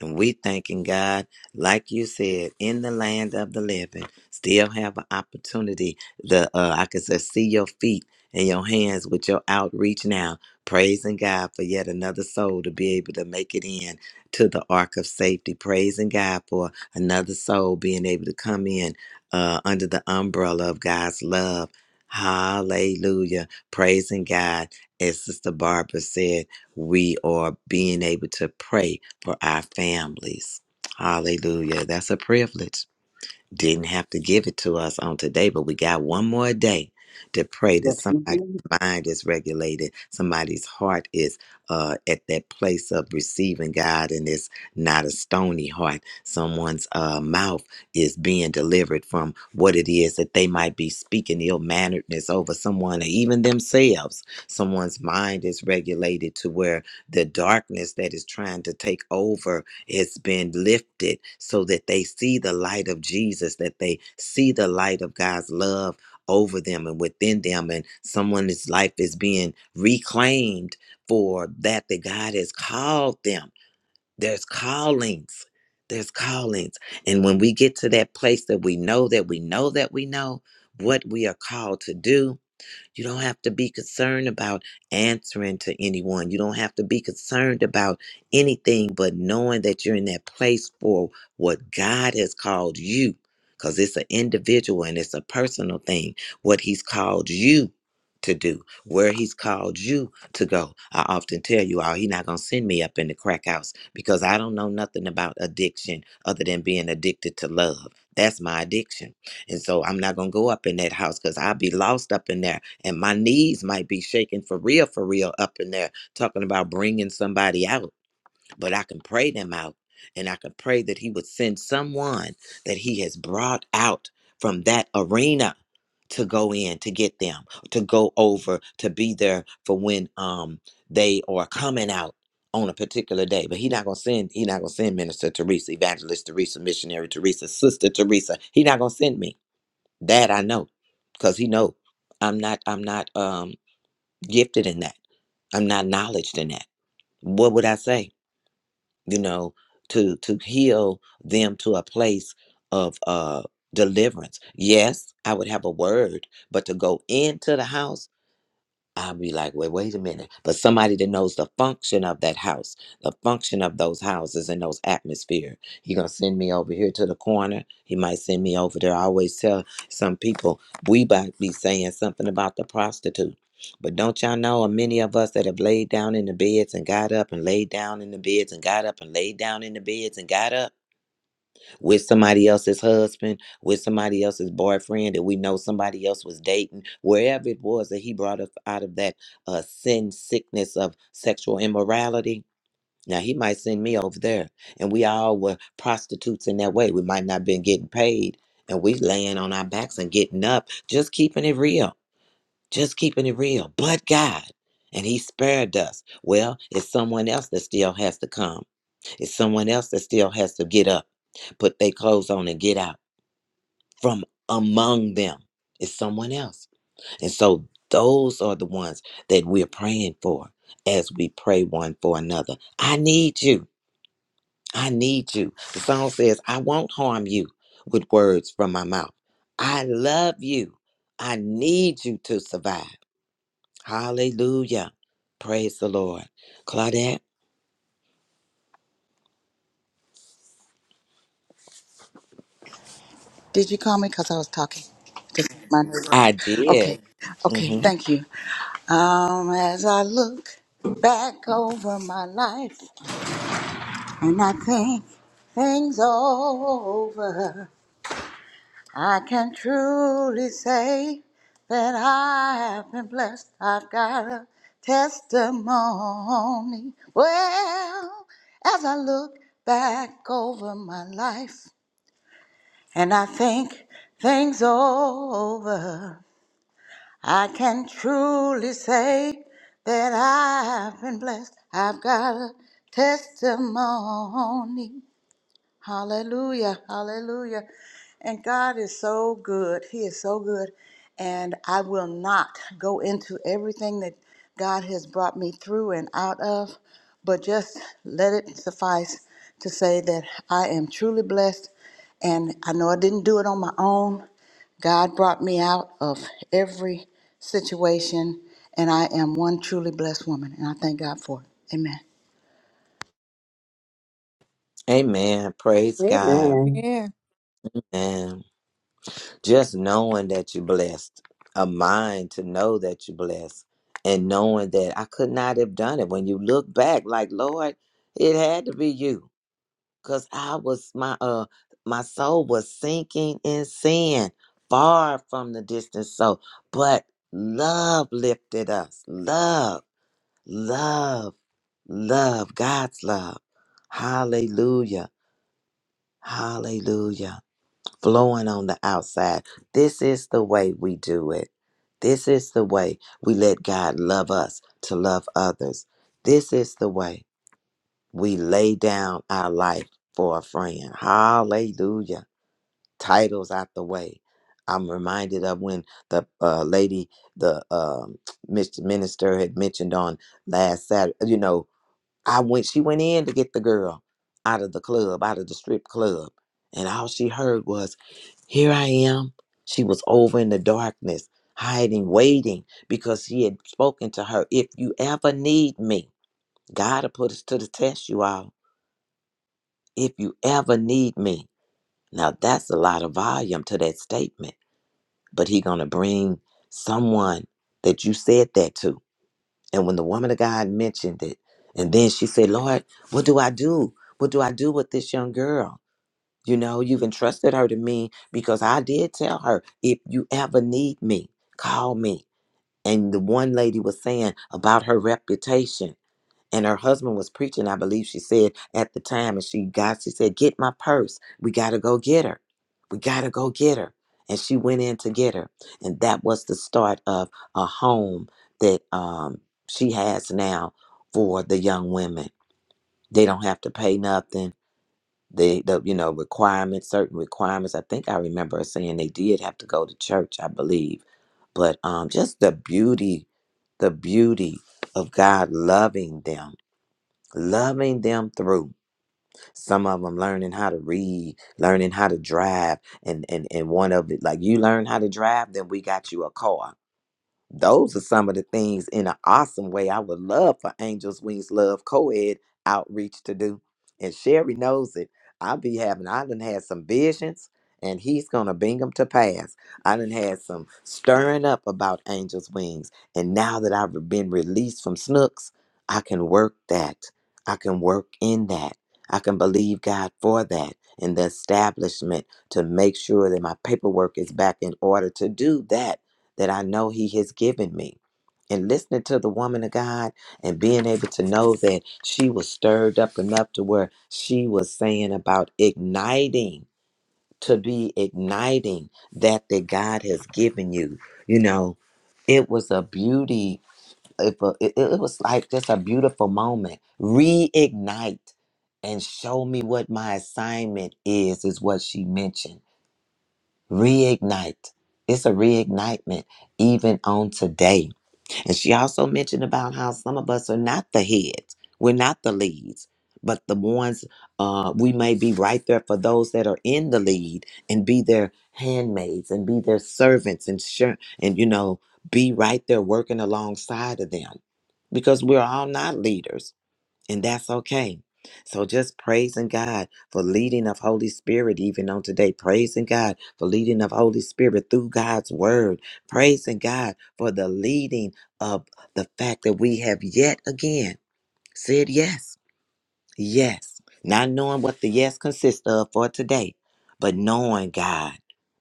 B: And we thanking God, like you said, in the land of the living, still have an opportunity. The uh, I can say, see your feet and your hands with your outreach now, praising God for yet another soul to be able to make it in to the ark of safety. Praising God for another soul being able to come in uh, under the umbrella of God's love. Hallelujah. Praising God as Sister Barbara said, we are being able to pray for our families. Hallelujah. That's a privilege. Didn't have to give it to us on today, but we got one more day to pray that
G: Yes, we
B: somebody's
G: do.
B: mind is regulated, somebody's heart is uh, at that place of receiving God, and it's not a stony heart. Someone's uh, mouth is being delivered from what it is that they might be speaking ill manneredness over someone or even themselves. Someone's mind is regulated to where the darkness that is trying to take over it's been lifted so that they see the light of Jesus, that they see the light of God's love over them and within them, and someone's life is being reclaimed for that that God has called them. There's callings. There's callings. And when we get to that place that we know that we know that we know what we are called to do, you don't have to be concerned about answering to anyone. You don't have to be concerned about anything but knowing that you're in that place for what God has called you. Because it's an individual and it's a personal thing, what He's called you to do, where He's called you to go. I often tell you all, He's not going to send me up in the crack house because I don't know nothing about addiction other than being addicted to love. That's my addiction. And so I'm not going to go up in that house because I'll be lost up in there and my knees might be shaking for real, for real up in there, talking about bringing somebody out. But I can pray them out, and I can pray that He would send someone that He has brought out from that arena to go in to get them, to go over to be there for when um they are coming out on a particular day. But He not gonna send. He not gonna send Minister Teresa, Evangelist Teresa, Missionary Teresa, Sister Teresa. He not gonna send me. That I know, because he know I'm not I'm not um gifted in that. I'm not knowledged in that. What would I say? You know, to to heal them to a place of uh deliverance. Yes, I would have a word, but to go into the house I'll be like, wait, wait a minute. But somebody that knows the function of that house, the function of those houses and those atmosphere. He gonna send me over here to the corner. He might send me over there. I always tell some people we might be saying something about the prostitute. But don't y'all know many of us that have laid down in the beds and got up and laid down in the beds and got up and laid down in the beds and got up? with somebody else's husband, with somebody else's boyfriend that we know somebody else was dating, wherever it was that he brought us out of that uh, sin sickness of sexual immorality. Now he might send me over there, and we all were prostitutes in that way. We might not been getting paid, and we laying on our backs and getting up, just keeping it real, just keeping it real. But God, and He spared us. Well, it's someone else that still has to come. It's someone else that still has to get up put their clothes on and get out from among them is someone else and so those are the ones that we're praying for as we pray one for another i need you i need you the song says i won't harm you with words from my mouth i love you i need you to survive hallelujah praise the lord claudette
C: Did you call me? Because I was talking to my neighbor.
B: i did
C: Okay. Okay.
B: hmm
C: Thank you. Um, as I look back over my life and I think things over, I can truly say that I have been blessed. I've got a testimony. Well, as I look back over my life and I think things over. I can truly say that I've been blessed. I've got a testimony. Hallelujah. Hallelujah. And God is so good. He is so good. And I will not go into everything that God has brought me through and out of, but just let it suffice to say that I am truly blessed. And I know I didn't do it on my own. God brought me out of every situation, and I am one truly blessed woman. And I thank God for it. Amen.
B: amen praise god
D: Amen.
A: Yeah.
B: Amen. Just knowing that you're blessed, a mind to know that you're blessed, and knowing that I could not have done it. When you look back, like Lord, it had to be you, cause I was my uh my soul was sinking in sin, far from the distant soul. But love lifted us. Love, love, love. God's love. Hallelujah. Hallelujah flowing on the outside. This is the way we do it. This is the way we let God love us to love others. This is the way we lay down our life for a friend. Hallelujah. Titles out the way. I'm reminded of when the uh, lady, the um, Mr. minister had mentioned on last Saturday, you know, I went, she went in to get the girl out of the club, out of the strip club. And all she heard was, Here I am. She was over in the darkness, hiding, waiting, because he had spoken to her, If you ever need me, God will put us to the test, you all. If you ever need me. Now that's a lot of volume to that statement, but he gonna bring someone that you said that to and when the woman of God mentioned it, and then she said, Lord, what do I do? What do I do with this young girl? You know, you've entrusted her to me because I did tell her, if you ever need me, call me. And the one lady was saying about her reputation and her husband was preaching i believe she said at the time and she got she said get my purse we gotta go get her we gotta go get her and she went in to get her and that was the start of a home that um, she has now for the young women they don't have to pay nothing they the you know requirements certain requirements i think i remember her saying they did have to go to church i believe but um just the beauty the beauty of god loving them loving them through some of them learning how to read learning how to drive and and and one of it like you learn how to drive then we got you a car those are some of the things in an awesome way I would love for Angels Wings Love Co-ed outreach to do. And Sherry knows it. I'll be having, I done had some visions and he's going to bring them to pass. I done had some stirring up about Angels Wings. And now that I've been released from Snooks, I can work that. I can work in that. I can believe God for that and the establishment to make sure that my paperwork is back in order to do that that I know He has given me. And listening to the woman of God and being able to know that she was stirred up enough to where she was saying about igniting, to be igniting that that God has given you. You know, it was a beauty. It, wa- it, it was like just a beautiful moment. Reignite and show me what my assignment is, is what she mentioned reignite. It's a reignitement even on today. And she also mentioned about how some of us are not the heads, we're not the leads, but the ones uh, we may be right there for those that are in the lead and be their handmaids and be their servants and sure and you know be right there working alongside of them because we're all not leaders and that's okay. So just praising God for leading of Holy Spirit even on today. Praising God for leading of Holy Spirit through God's word. Praising God for the leading of the fact that we have yet again said yes Yes. Not knowing what the yes consists of for today, but knowing God,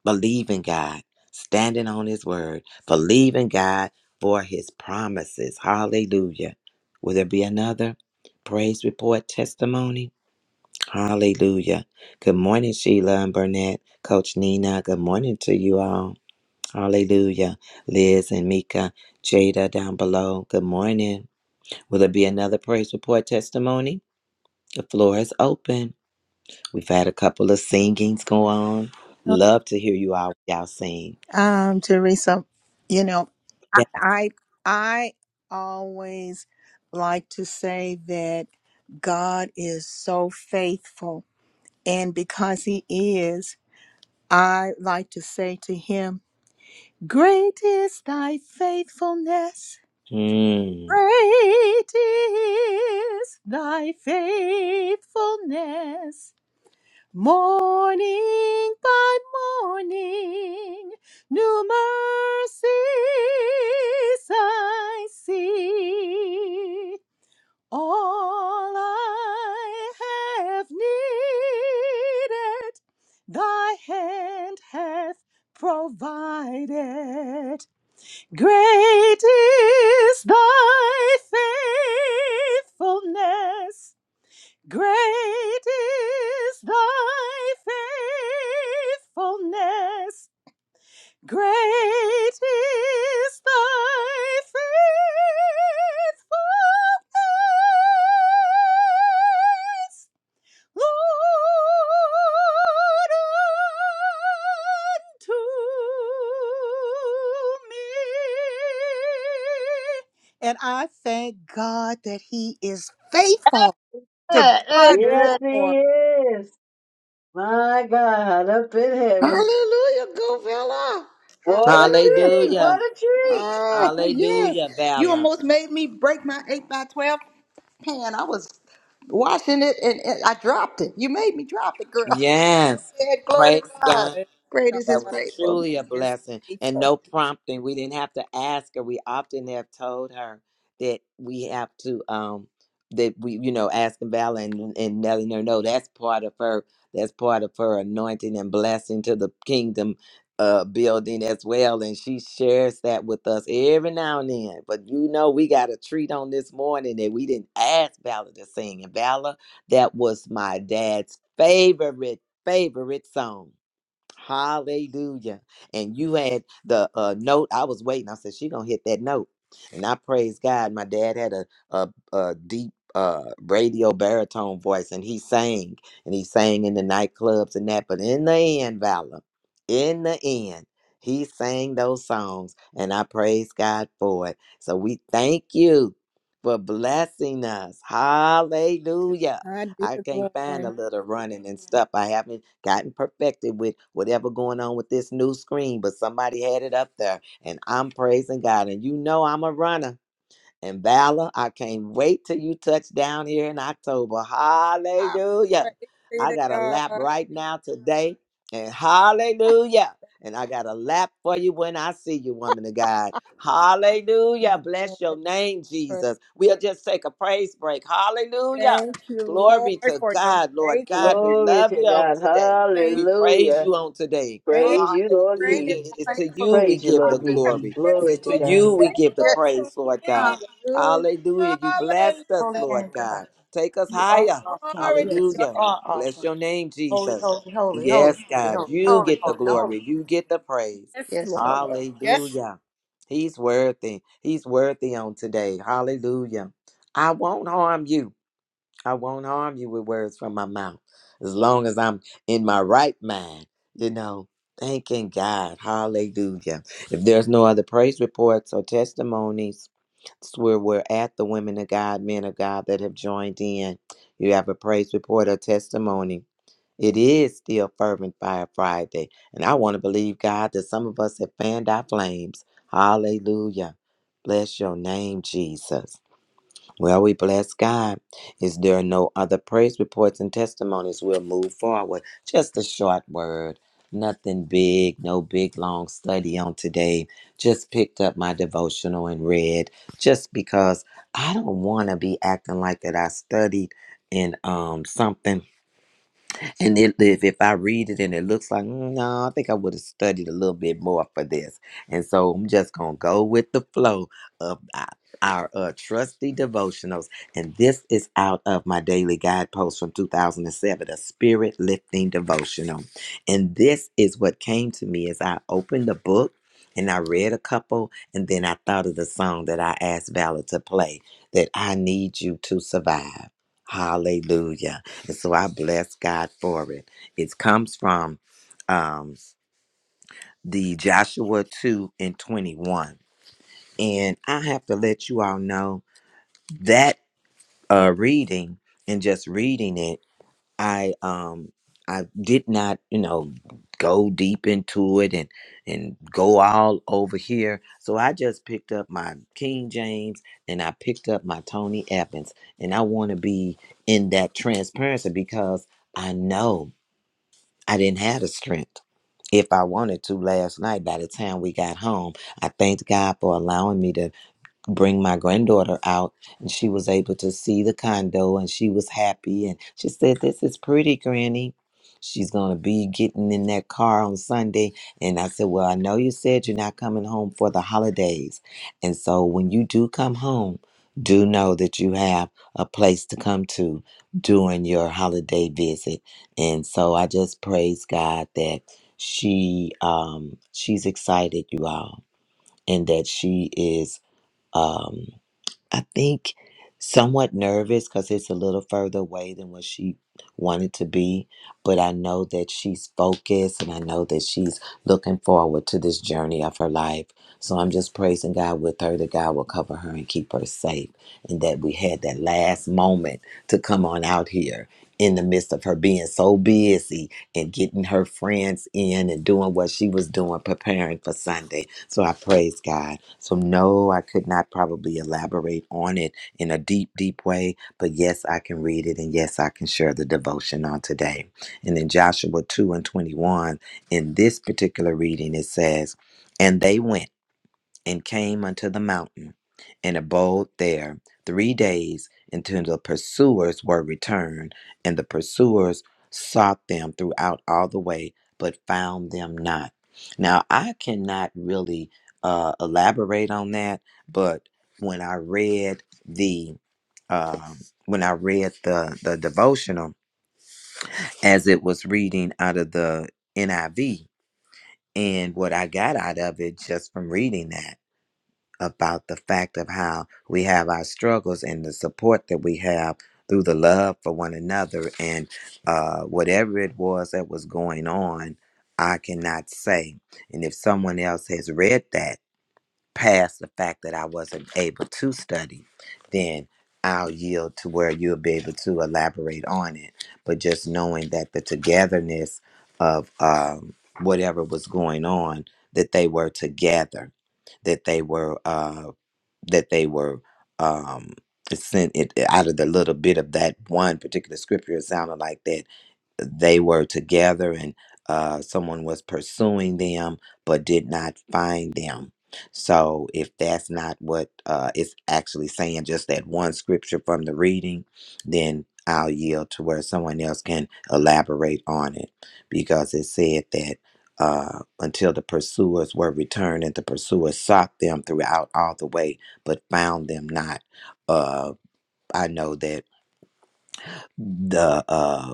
B: believing God, standing on His word, believing God for His promises. Hallelujah. Will there be another praise report testimony? Hallelujah. Good morning, Sheila and Burnett, Coach Nina. Good morning to you all. Hallelujah. Liz and Mika, Jada down below. Good morning. Will there be another praise report testimony? The floor is open. We've had a couple of singings go on. Love to hear you all y'all sing.
A: Um, Teresa, you know, I
B: Yeah.
A: I, I always like to say that God is so faithful, and because He is, I like to say to Him, "Great is Thy faithfulness."
B: Mm.
A: Great is thy faithfulness. Morning by morning, new mercies I see. All I have needed, thy hand hath provided. Great is thy faithfulness. Great is thy faithfulness. Great is thy faithfulness, Lord, unto me. And I thank God that He is faithful. To
F: yeah,
A: God be the
D: Yes,
F: yeah.
A: glory.
D: he is. My God, up in heaven.
C: Hallelujah, go fella.
D: What a
C: Hallelujah.
D: treat. What
B: Hallelujah.
D: a treat.
C: Ah, yes.
B: Hallelujah,
C: You
B: Valor.
C: almost made me break my 8 by 12 pan. I was washing it and, and I dropped it. You made me drop it, girl.
B: Yes.
C: Yeah, glory to
B: Praise
C: God.
B: God.
A: Praise
C: Great
A: God
C: is
B: That
C: his
B: was
A: that
C: faithfulness.
B: truly
A: He
B: a
A: is
B: blessing and
A: faithful.
B: no prompting. We didn't have to ask her. We often have told her that we have to um that we you know asking Vala and, and letting her know "No, that's part of her that's part of her anointing and blessing to the kingdom uh building as well and she shares that with us every now and then but you know we got a treat on this morning that we didn't ask Vala to sing and Vala that was my dad's favorite favorite song Hallelujah. And you had the uh, note. I was waiting. I said, she going to hit that note. And I praise God. My dad had a, a, a deep uh, radio baritone voice and he sang. And he sang in the nightclubs and that. But in the end, Valor, in the end, he sang those songs. And I praise God for it. So we thank you for blessing us.
A: To
B: Hallelujah
A: God be
B: I
A: the
B: can't find
A: glory.
B: a little running and stuff. I haven't gotten perfected with whatever going on with this new screen, but somebody had it up there, and I'm praising God. And you know I'm a runner and Valor. I can't wait till you touch down here in October.
A: I
B: Hallelujah.
A: praise be
B: I
A: to
B: got a lap
A: God.
B: right now today, and hallelujah. And I got a lap for you when I see you, woman of God. Hallelujah.
A: Yes.
B: Bless your name, Jesus. We'll just take a praise break. Hallelujah.
A: Thank you, Lord,
B: Glory to
A: for your
B: God, Lord God.
A: faithfulness.
B: We
D: Glory
B: love
D: to
B: you on
D: God.
B: today.
A: Thank
B: We praise
D: Hallelujah.
B: you on today.
C: Lord,
A: thank
D: Praise you, Lord
C: Great is
B: Hallelujah.
D: Jesus.
B: It is
A: you.
C: your
B: to you
C: faithfulness.
B: we
D: Praise you,
B: give
A: You
B: the
D: Lord
A: have
D: Jesus.
B: glory.
A: been
B: It is
D: Glory to
B: to
A: so
B: you
D: God.
B: we give the
A: faithful to
B: praise, Lord God.
A: me.
C: Hallelujah. Hallelujah.
B: Hallelujah. You
A: Hallelujah.
B: blessed
C: Your
B: us,
C: holy
B: Lord
C: name, God.
B: God. Take us
C: You are
B: higher.
C: awesome.
A: Glory to
C: Yes, you
A: your
B: Hallelujah.
C: are
B: Bless
C: awesome.
B: your name,
C: Holy,
B: Jesus.
C: holy, holy, holy,
B: Yes,
C: holy,
B: God.
C: holy,
B: You
C: holy,
B: get the
C: holy, holy.
B: glory. You get the praise.
A: yes, Lord.
C: Yes, Lord.
A: Yes.
B: Hallelujah. He's worthy. He's worthy on today. Hallelujah. I won't harm you. I won't harm you with words from my mouth. As long as I'm in my right mind, you know, thanking God. Hallelujah. If there's no other praise reports or testimonies, where we're at the women of God, men of God that have joined in. You have a praise report or testimony. It is still Fervent Fire Friday. And I want to believe, God, that some of us have fanned our flames. Hallelujah. Bless your name, Jesus. Well, we bless God. Is there no other praise reports and testimonies? We'll move forward. Just a short word. Nothing big, no big long study on today. Just picked up my devotional and read just because I don't want to be acting like that I studied in um something and it, if, if I read it and it looks like, "Mm, no, I think I would have studied a little bit more for this. And so I'm just going to go with the flow of our, our uh, trusty devotionals. And this is out of my daily guidepost from 2007, a spirit lifting devotional. And this is what came to me as I opened the book. And I read a couple, and then I thought of the song that I asked Valor to play that I need you to survive. Hallelujah. And so I bless God for it. It comes from um, the Joshua 2 and 21. And I have to let you all know that uh, reading and just reading it, I um I did not, you know, go deep into it and and go all over here. So I just picked up my King James and I picked up my Tony Evans. And I want to be in that transparency because I know. I didn't have the strength if I wanted to last night. By the time we got home, I thanked God for allowing me to bring my granddaughter out and she was able to see the condo and she was happy and she said this is pretty granny she's going to be getting in that car on sunday and i said well i know you said you're not coming home for the holidays and so when you do come home do know that you have a place to come to during your holiday visit and so i just praise god that she um she's excited you all and that she is um I think somewhat nervous because it's a little further away than what she wanted to be. But I know that she's focused and I know that she's looking forward to this journey of her life. So I'm just praising God with her that God will cover her and keep her safe. And that we had that last moment to come on out here in the midst of her being so busy and getting her friends in and doing what she was doing, preparing for Sunday. So I praise God. So, no, I could not probably elaborate on it in a deep, deep way, but yes, I can read it and yes, I can share the devotion on today. And in Joshua 2 and 21, in this particular reading, it says, And they went and came unto the mountain, and abode there three days until the pursuers were returned, and the pursuers sought them throughout all the way, but found them not. Now, I cannot really uh, elaborate on that, but when I read the um when I read the the devotional as it was reading out of the NIV, and what I got out of it just from reading that about the fact of how we have our struggles and the support that we have through the love for one another and uh, whatever it was that was going on i cannot say and if someone else has read that past the fact that I wasn't able to study, then I'll yield to where you'll be able to elaborate on it. But just knowing that the togetherness of um, whatever was going on, that they were together, that they were uh, that they were um, sent it out of the little bit of that one particular scripture. It sounded like that they were together and uh, someone was pursuing them but did not find them. So, if that's not what uh, it's actually saying, just that one scripture from the reading, then I'll yield to where someone else can elaborate on it because it said that uh, until the pursuers were returned and the pursuers sought them throughout all the way but found them not. Uh, I know that the uh,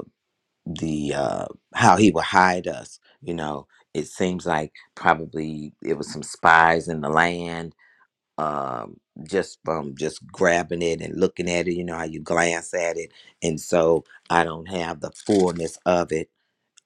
B: the uh how he would hide us you know it seems like probably it was some spies in the land um just from just grabbing it and looking at it you know how you glance at it and so i don't have the fullness of it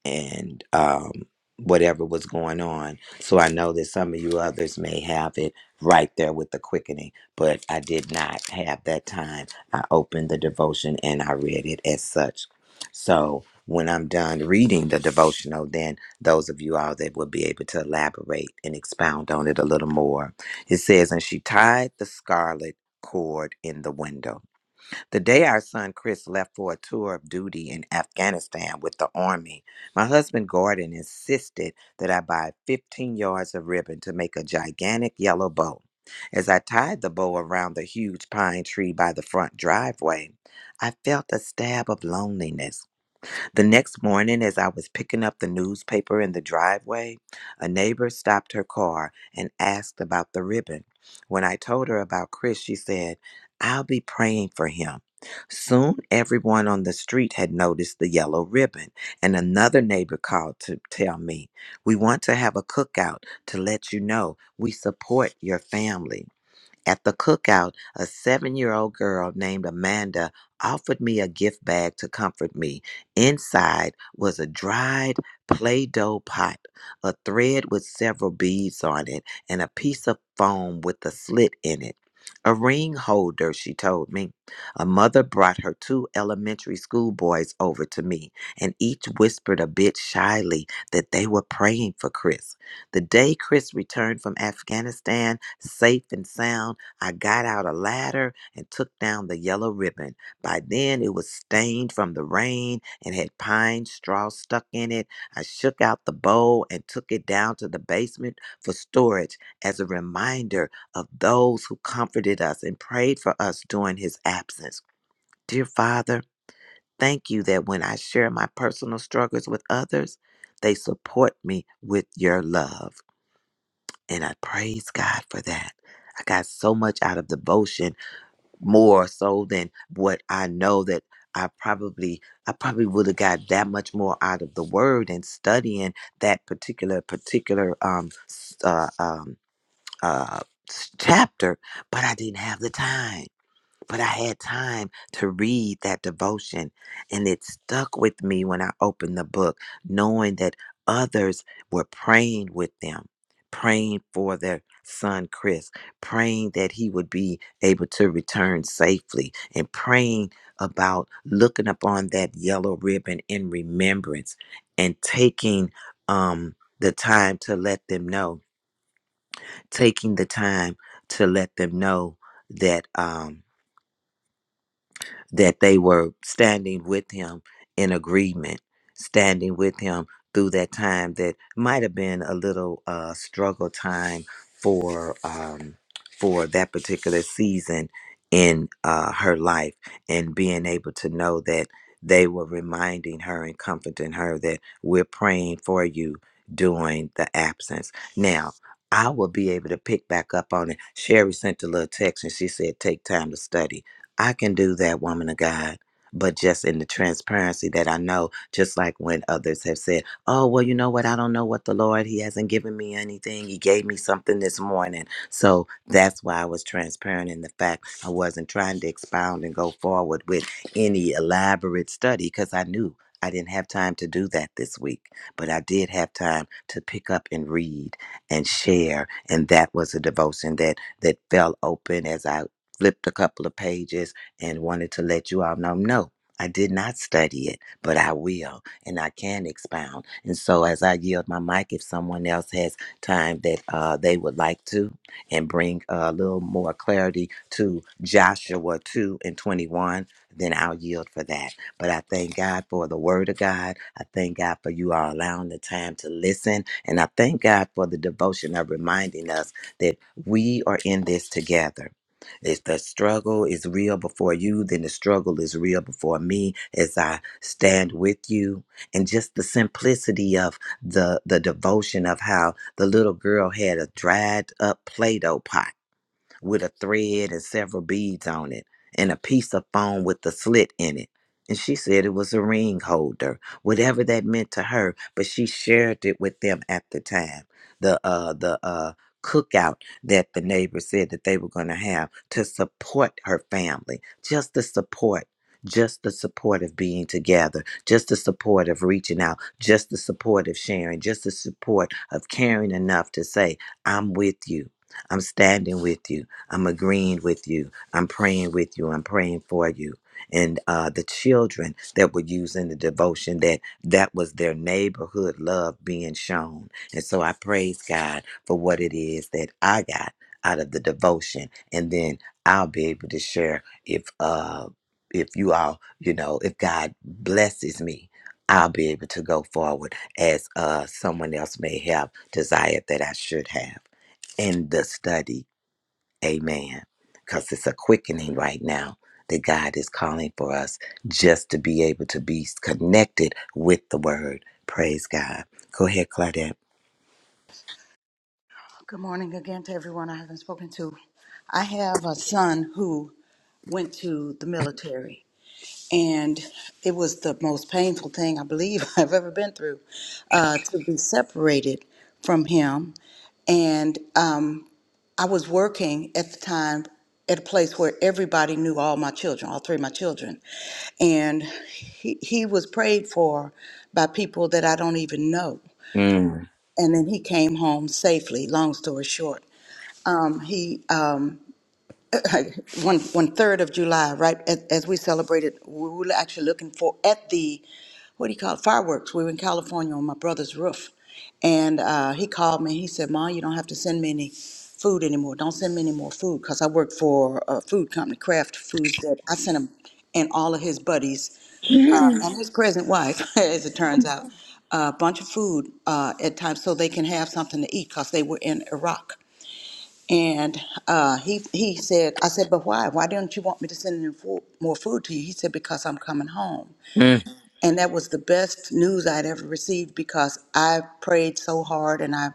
B: and um, whatever was going on. So I know that some of you others may have it right there with the quickening, but I did not have that time. I opened the devotion and I read it as such. So when I'm done reading the devotional, then those of you all that will be able to elaborate and expound on it a little more. It says, And she tied the scarlet cord in the window the day our son Chris left for a tour of duty in Afghanistan with the Army, my husband Gordon insisted that I buy 15 yards of ribbon to make a gigantic yellow bow. As I tied the bow around the huge pine tree by the front driveway, I felt a stab of loneliness the next morning, as I was picking up the newspaper in the driveway, a neighbor stopped her car and asked about the ribbon. When I told her about Chris, she said, I'll be praying for him. Soon, everyone on the street had noticed the yellow ribbon, and another neighbor called to tell me, We want to have a cookout to let you know we support your family. At the cookout, a seven year old girl named Amanda offered me a gift bag to comfort me. Inside was a dried Play Doh pot, a thread with several beads on it, and a piece of foam with a slit in it. A ring holder, she told me. A mother brought her two elementary school boys over to me, and each whispered a bit shyly that they were praying for Chris. The day Chris returned from Afghanistan, safe and sound, I got out a ladder and took down the yellow ribbon. By then it was stained from the rain and had pine straw stuck in it. I shook out the bowl and took it down to the basement for storage as a reminder of those who comforted us and prayed for us during his absence. Dear Father, thank you that when I share my personal struggles with others, they support me with your love. And I praise God for that. I got so much out of devotion more so than what I know that I probably I probably would have got that much more out of the word and studying that particular particular um s- uh, um uh s- chapter, but I didn't have the time but I had time to read that devotion. And it stuck with me when I opened the book, knowing that others were praying with them, praying for their son, Chris, praying that he would be able to return safely, and praying about looking upon that yellow ribbon in remembrance and taking um, the time to let them know, taking the time to let them know that. Um, that they were standing with him in agreement, standing with him through that time that might have been a little uh, struggle time for um, for that particular season in uh, her life, and being able to know that they were reminding her and comforting her that we're praying for you during the absence. Now. I will be able to pick back up on it. Sherry sent a little text and she said, Take time to study I can do that, woman of God. But just in the transparency that I know, just like when others have said, Oh, well, you know what? I don't know what the Lord, He hasn't given me anything. He gave me something this morning. So that's why I was transparent in the fact I wasn't trying to expound and go forward with any elaborate study because I knew I didn't have time to do that this week. But I did have time to pick up and read and share. And that was a devotion that that fell open as I flipped a couple of pages and wanted to let you all know no i did not study it but i will and i can expound and so as i yield my mic if someone else has time that uh, they would like to and bring a little more clarity to joshua 2 and 21 then i'll yield for that but i thank god for the word of god i thank god for you all allowing the time to listen and i thank god for the devotion of reminding us that we are in this together if the struggle is real before you, then the struggle is real before me as I stand with you. And just the simplicity of the, the devotion of how the little girl had a dried up Play Doh pot with a thread and several beads on it and a piece of foam with a slit in it. And she said it was a ring holder, whatever that meant to her, but she shared it with them at the time. The uh the uh cookout that the neighbors said that they were gonna have to support her family. Just the support. Just the support of being together, just the support of reaching out, just the support of sharing, just the support of caring enough to say, I'm with you. I'm standing with you. I'm agreeing with you. I'm praying with you. I'm praying for you. And uh, the children that were using the devotion, that that was their neighborhood love being shown. And so I praise God for what it is that I got out of the devotion, and then I'll be able to share if uh if you all you know if God blesses me. I'll be able to go forward as uh, someone else may have desired that I should have in the study Amen. Because it's a quickening right now that God is calling for us just to be able to be connected with the word. Praise God. Go ahead, Claudette.
C: Good morning again to everyone I haven't spoken to. I have a son who went to the military, and it was the most painful thing I believe I've ever been through uh, to be separated from him. And um, I was working at the time at a place where everybody knew all my children, all three of my children. And he, he was prayed for by people that I don't even know.
B: Mm.
C: And then he came home safely, long story short. Um, he um, one one third of July, right? As, as we celebrated, we were actually looking for at the what do you call it fireworks. We were in California on my brother's roof, and uh, he called me. He said, "Ma, you don't have to send me any food anymore. Don't send me any more food because I work for a food company, Kraft Foods. That I sent him and all of his buddies." uh,
B: Mm,
C: and his present wife, as it turns out, a bunch of food uh, at times so they can have something to eat because they were in Iraq. And uh, he he said, I said, but why? Why didn't you want me to send in fo- more food to you? He said, because I'm coming home. And that was the best news I'd ever received because I prayed so hard and I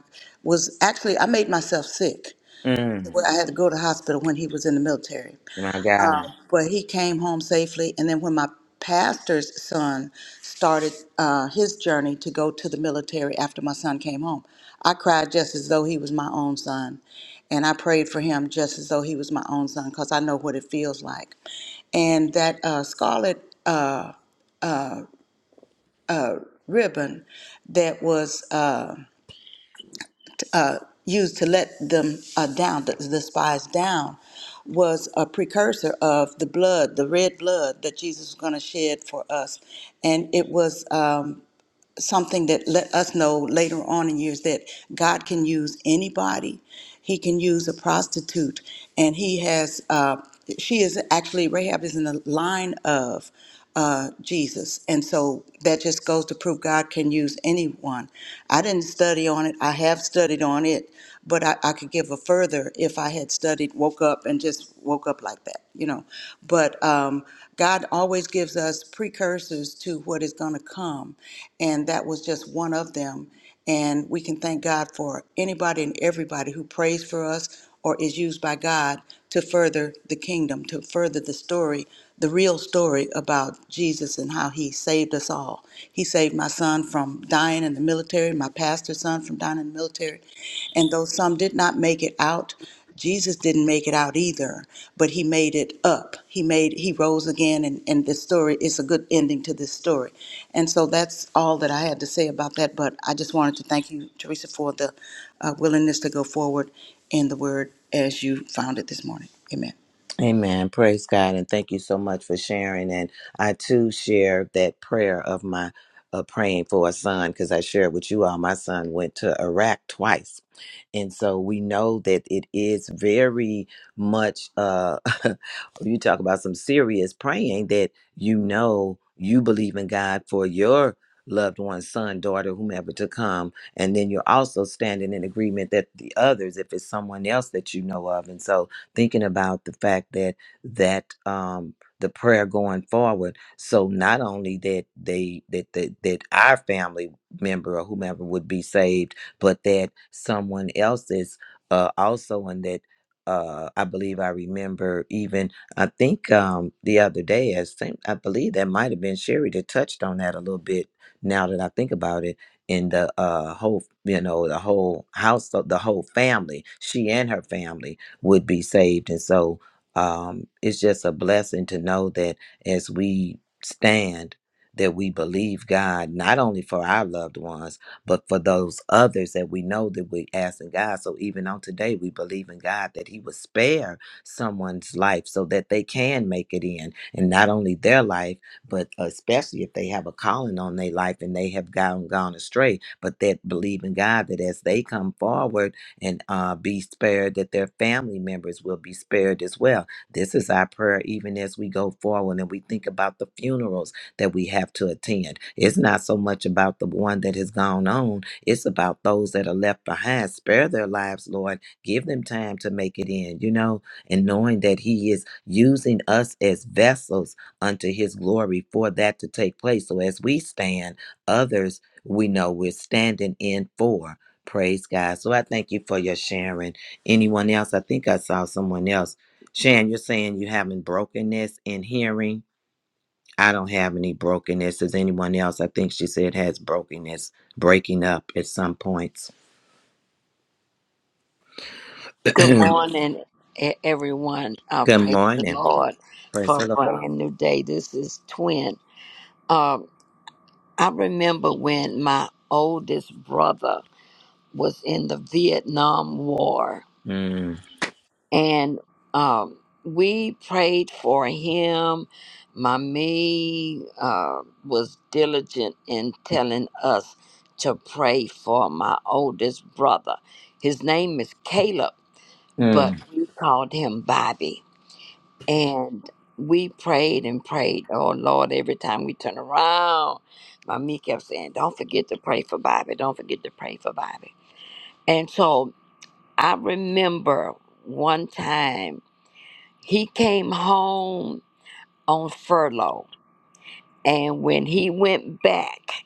C: was actually I made myself sick.
B: mm.
C: Well, I had to go to the hospital when he was in the military.
B: My God.
C: Um, but he came home safely. And then when my pastor's son started uh, his journey to go to the military after my son came home, I cried just as though he was my own son. And I prayed for him just as though he was my own son because I know what it feels like. And that uh, scarlet uh, ribbon that was. Uh, uh, used to let them uh, down, the, the spies down, was a precursor of the blood, the red blood that Jesus was going to shed for us. And it was. um, something that let us know later on in years that God can use anybody. He can use a prostitute, and he has. Uh, she is actually Rahab is in the line of uh, Jesus, and so that just goes to prove God can use anyone. I didn't study on it. I have studied on it, but I, I could give a further if I had studied, woke up, and just woke up like that, you know. But um, God always gives us precursors to what is going to come. And that was just one of them. And we can thank God for anybody and everybody who prays for us or is used by God to further the kingdom, to further the story, the real story about Jesus and how he saved us all. He saved my son from dying in the military, my pastor's son from dying in the military. And though some did not make it out, Jesus didn't make it out either, but he made it up. He made he rose again and, and this story is a good ending to this story. And so that's all that I had to say about that. But I just wanted to thank you, Teresa, for the uh, willingness to go forward in the word as you found it this morning. Amen.
B: Amen. Praise God. And thank you so much for sharing. And I too share that prayer of my uh, praying for a son because I shared with you all. My son went to Iraq twice. And so we know that it is very much, uh, you talk about some serious praying that you know you believe in God for your loved one, son, daughter, whomever to come. And then you're also standing in agreement that the others, if it's someone else that you know of. And so thinking about the fact that that um the prayer going forward so not only that they that that, that our family member or whomever would be saved but that someone else is uh also in that uh, I believe I remember even I think um, the other day I think I believe that might have been Sherry that touched on that a little bit. Now that I think about it, in the uh, whole you know the whole house the whole family, she and her family would be saved. And so um, it's just a blessing to know that as we stand, that we believe God not only for our loved ones, but for those others that we know that we're asking God. So even on today, we believe in God that He will spare someone's life so that they can make it in. And not only their life, but especially if they have a calling on their life and they have gone gone astray, but that believe in God that as they come forward, and uh, be spared, that their family members will be spared as well. This is our prayer even as we go forward and we think about the funerals that we have to attend. It's not so much about the one that has gone on, it's about those that are left behind. Spare their lives, Lord. Give them time to make it in, you know, and knowing that He is using us as vessels unto His glory for that to take place. So as we stand, others we know we're standing in for. Praise God. So I thank you for your sharing. Anyone else? I think I saw someone else. Shan, you're saying you having brokenness in hearing. I don't have any brokenness. Is anyone else? I think she said has brokenness, breaking up at some points.
H: Good
B: Good
H: morning, e- everyone. Uh, praise the
B: morning.
H: Lord
B: Praise
H: for
B: the
H: a
B: Lord.
H: brand new day. This is Twin. Um, I remember when my oldest brother was in the Vietnam War,
B: Mm,
H: and um, we prayed for him. Mommy uh, was diligent in telling us to pray for my oldest brother. His name is Caleb, but
B: mm.
H: we called him Bobby And we prayed and prayed, oh Lord, every time we turn around, my me kept saying, Don't forget to pray for Bobby. Don't forget to pray for Bobby. And so I remember one time he came home on furlough. And when he went back,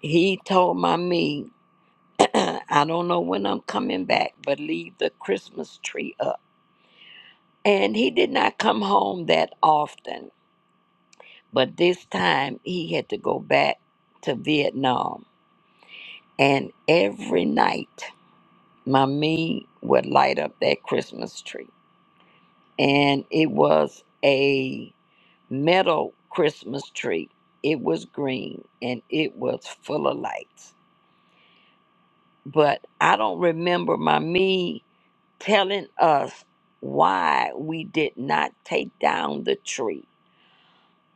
H: he told my me, I don't know when I'm coming back, but leave the Christmas tree up. And he did not come home that often But this time he had to go back to Vietnam. And every night, Mommy would light up that Christmas tree. And it was a metal Christmas tree. It was green and it was full of lights. But I don't remember Mommy telling us why we did not take down the tree.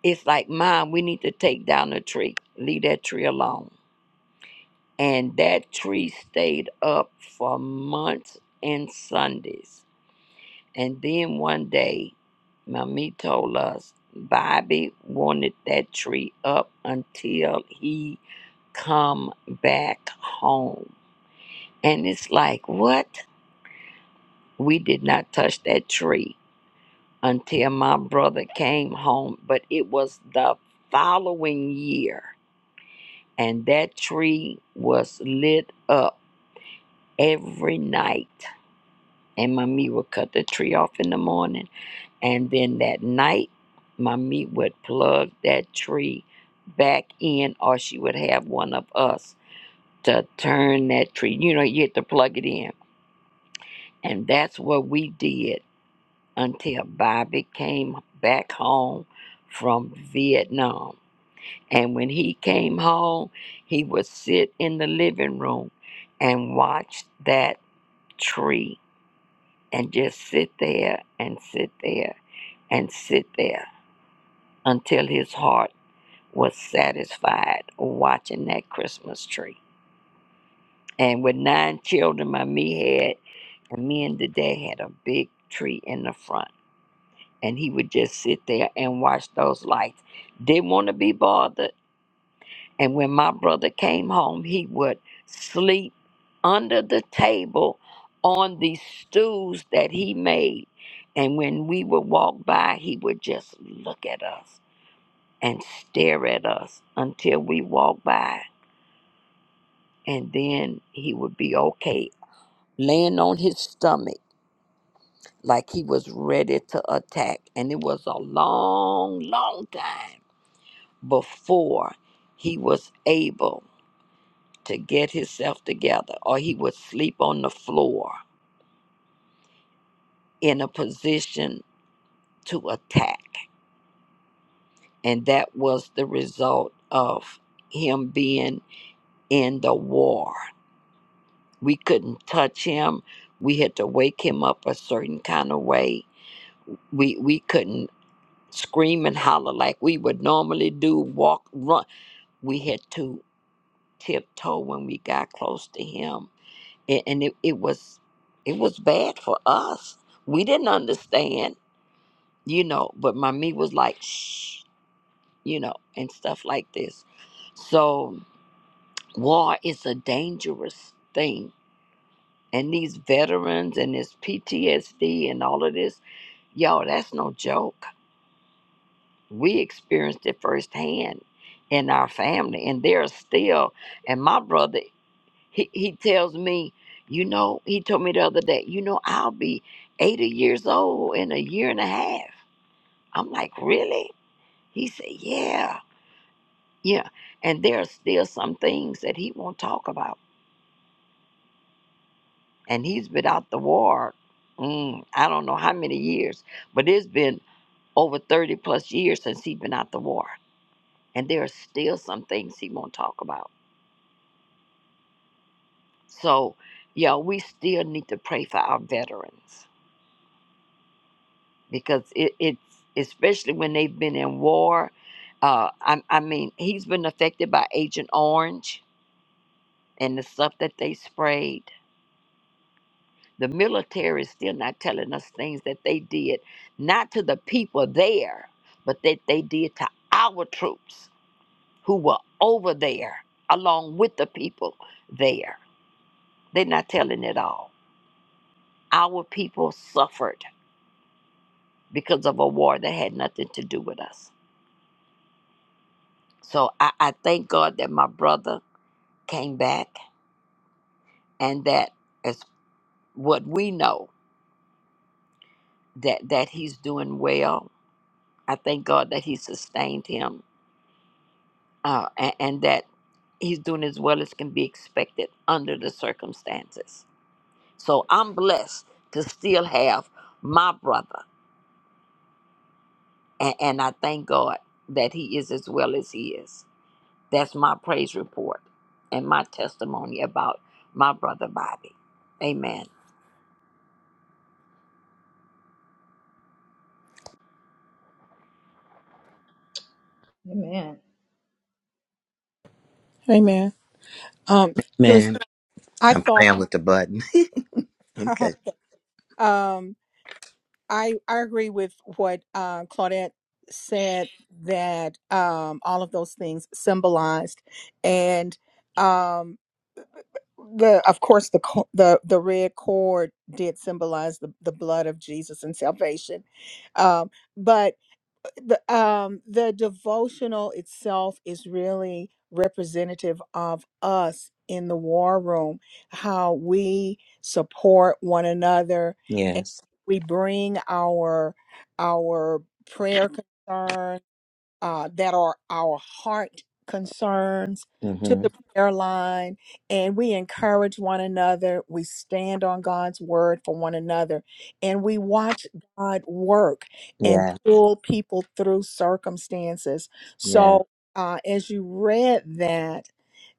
H: It's like, Mom, we need to take down the tree. Leave that tree alone and that tree stayed up for months and Sundays. And then one day, Mommy told us Bobby wanted that tree up until he come back home. And it's like, what? We did not touch that tree until my brother came home, but it was the following year. And that tree was lit up every night and my meat would cut the tree off in the morning. And then that night, my meat would plug that tree back in, or she would have one of us to turn that tree. You know, you had to plug it in. And that's what we did until Bobby came back home from Vietnam. And when he came home, he would sit in the living room and watch that tree and just sit there and sit there and sit there until his heart was satisfied watching that Christmas tree. And with nine children, my me had, and me and the dad had a big tree in the front. And he would just sit there and watch those lights. Didn't want to be bothered. And when my brother came home, he would sleep under the table on these stools that he made. And when we would walk by, he would just look at us and stare at us until we walk by, and then he would be okay, laying on his stomach like he was ready to attack. And it was a long, long time before he was able to get himself together, or he would sleep on the floor in a position to attack. And that was the result of him being in the war. we couldn't touch him we had to wake him up a certain kind of way we we couldn't scream and holler like we would normally do walk run we had to tiptoe when we got close to him and, and it, it was it was bad for us we didn't understand you know but my me was like shh you know and stuff like this so war is a dangerous thing and these veterans and this PTSD and all of this, y'all, that's no joke. We experienced it firsthand in our family, and there are still. And my brother, he, he tells me, you know, he told me the other day, you know, I'll be 80 years old in a year and a half. I'm like, really? He said, yeah, yeah. And there are still some things that he won't talk about. And he's been out the war, mm, I don't know how many years, but it's been over 30 plus years since he's been out the war. And there are still some things he won't talk about. So, yeah, we still need to pray for our veterans because it, it's especially when they've been in war. Uh, I, I mean, he's been affected by Agent Orange and the stuff that they sprayed. The military is still not telling us things that they did, not to the people there, but that they did to our troops who were over there along with the people there. They're not telling it all. Our people suffered because of a war that had nothing to do with us. So I, I thank God that my brother came back and that as what we know that, that he's doing well. I thank God that he sustained him uh, and, and that he's doing as well as can be expected under the circumstances. So I'm blessed to still have my brother And, and I thank God that He is as well as He is. That's my praise report and my testimony about my brother Bobby. Amen.
I: Amen.
A: Amen. Um, Clarissa,
B: Man,
A: I
B: I'm
A: thought.
B: playing with the button. okay.
A: Um, I I agree with what uh, Claudette said that um, all of those things symbolized, and um, the of course the co- the the red cord did symbolize the, the blood of Jesus and salvation, um, but the um the devotional itself is really representative of us in the war room how we support one another and
B: Yes.
A: we bring our our prayer concerns uh, that are our heart concerns to
B: Mm-hmm.
A: the prayer line and we encourage one another we stand on god's word for one another and we watch god work and
B: Yeah.
A: pull people through circumstances
B: Yeah.
A: so uh, as you read that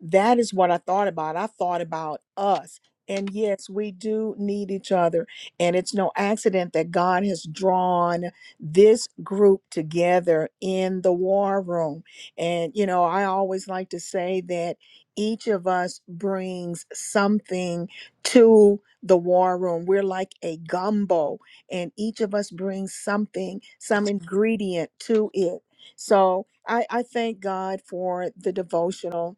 A: that is what i thought about i thought about us and yes we do need each other and it's no accident that god has drawn this group together in the war room. And, you know, I always like to say that each of us brings something to the war room. We're like a gumbo, and each of us brings something, some ingredient to it. So I, I thank God for the devotional.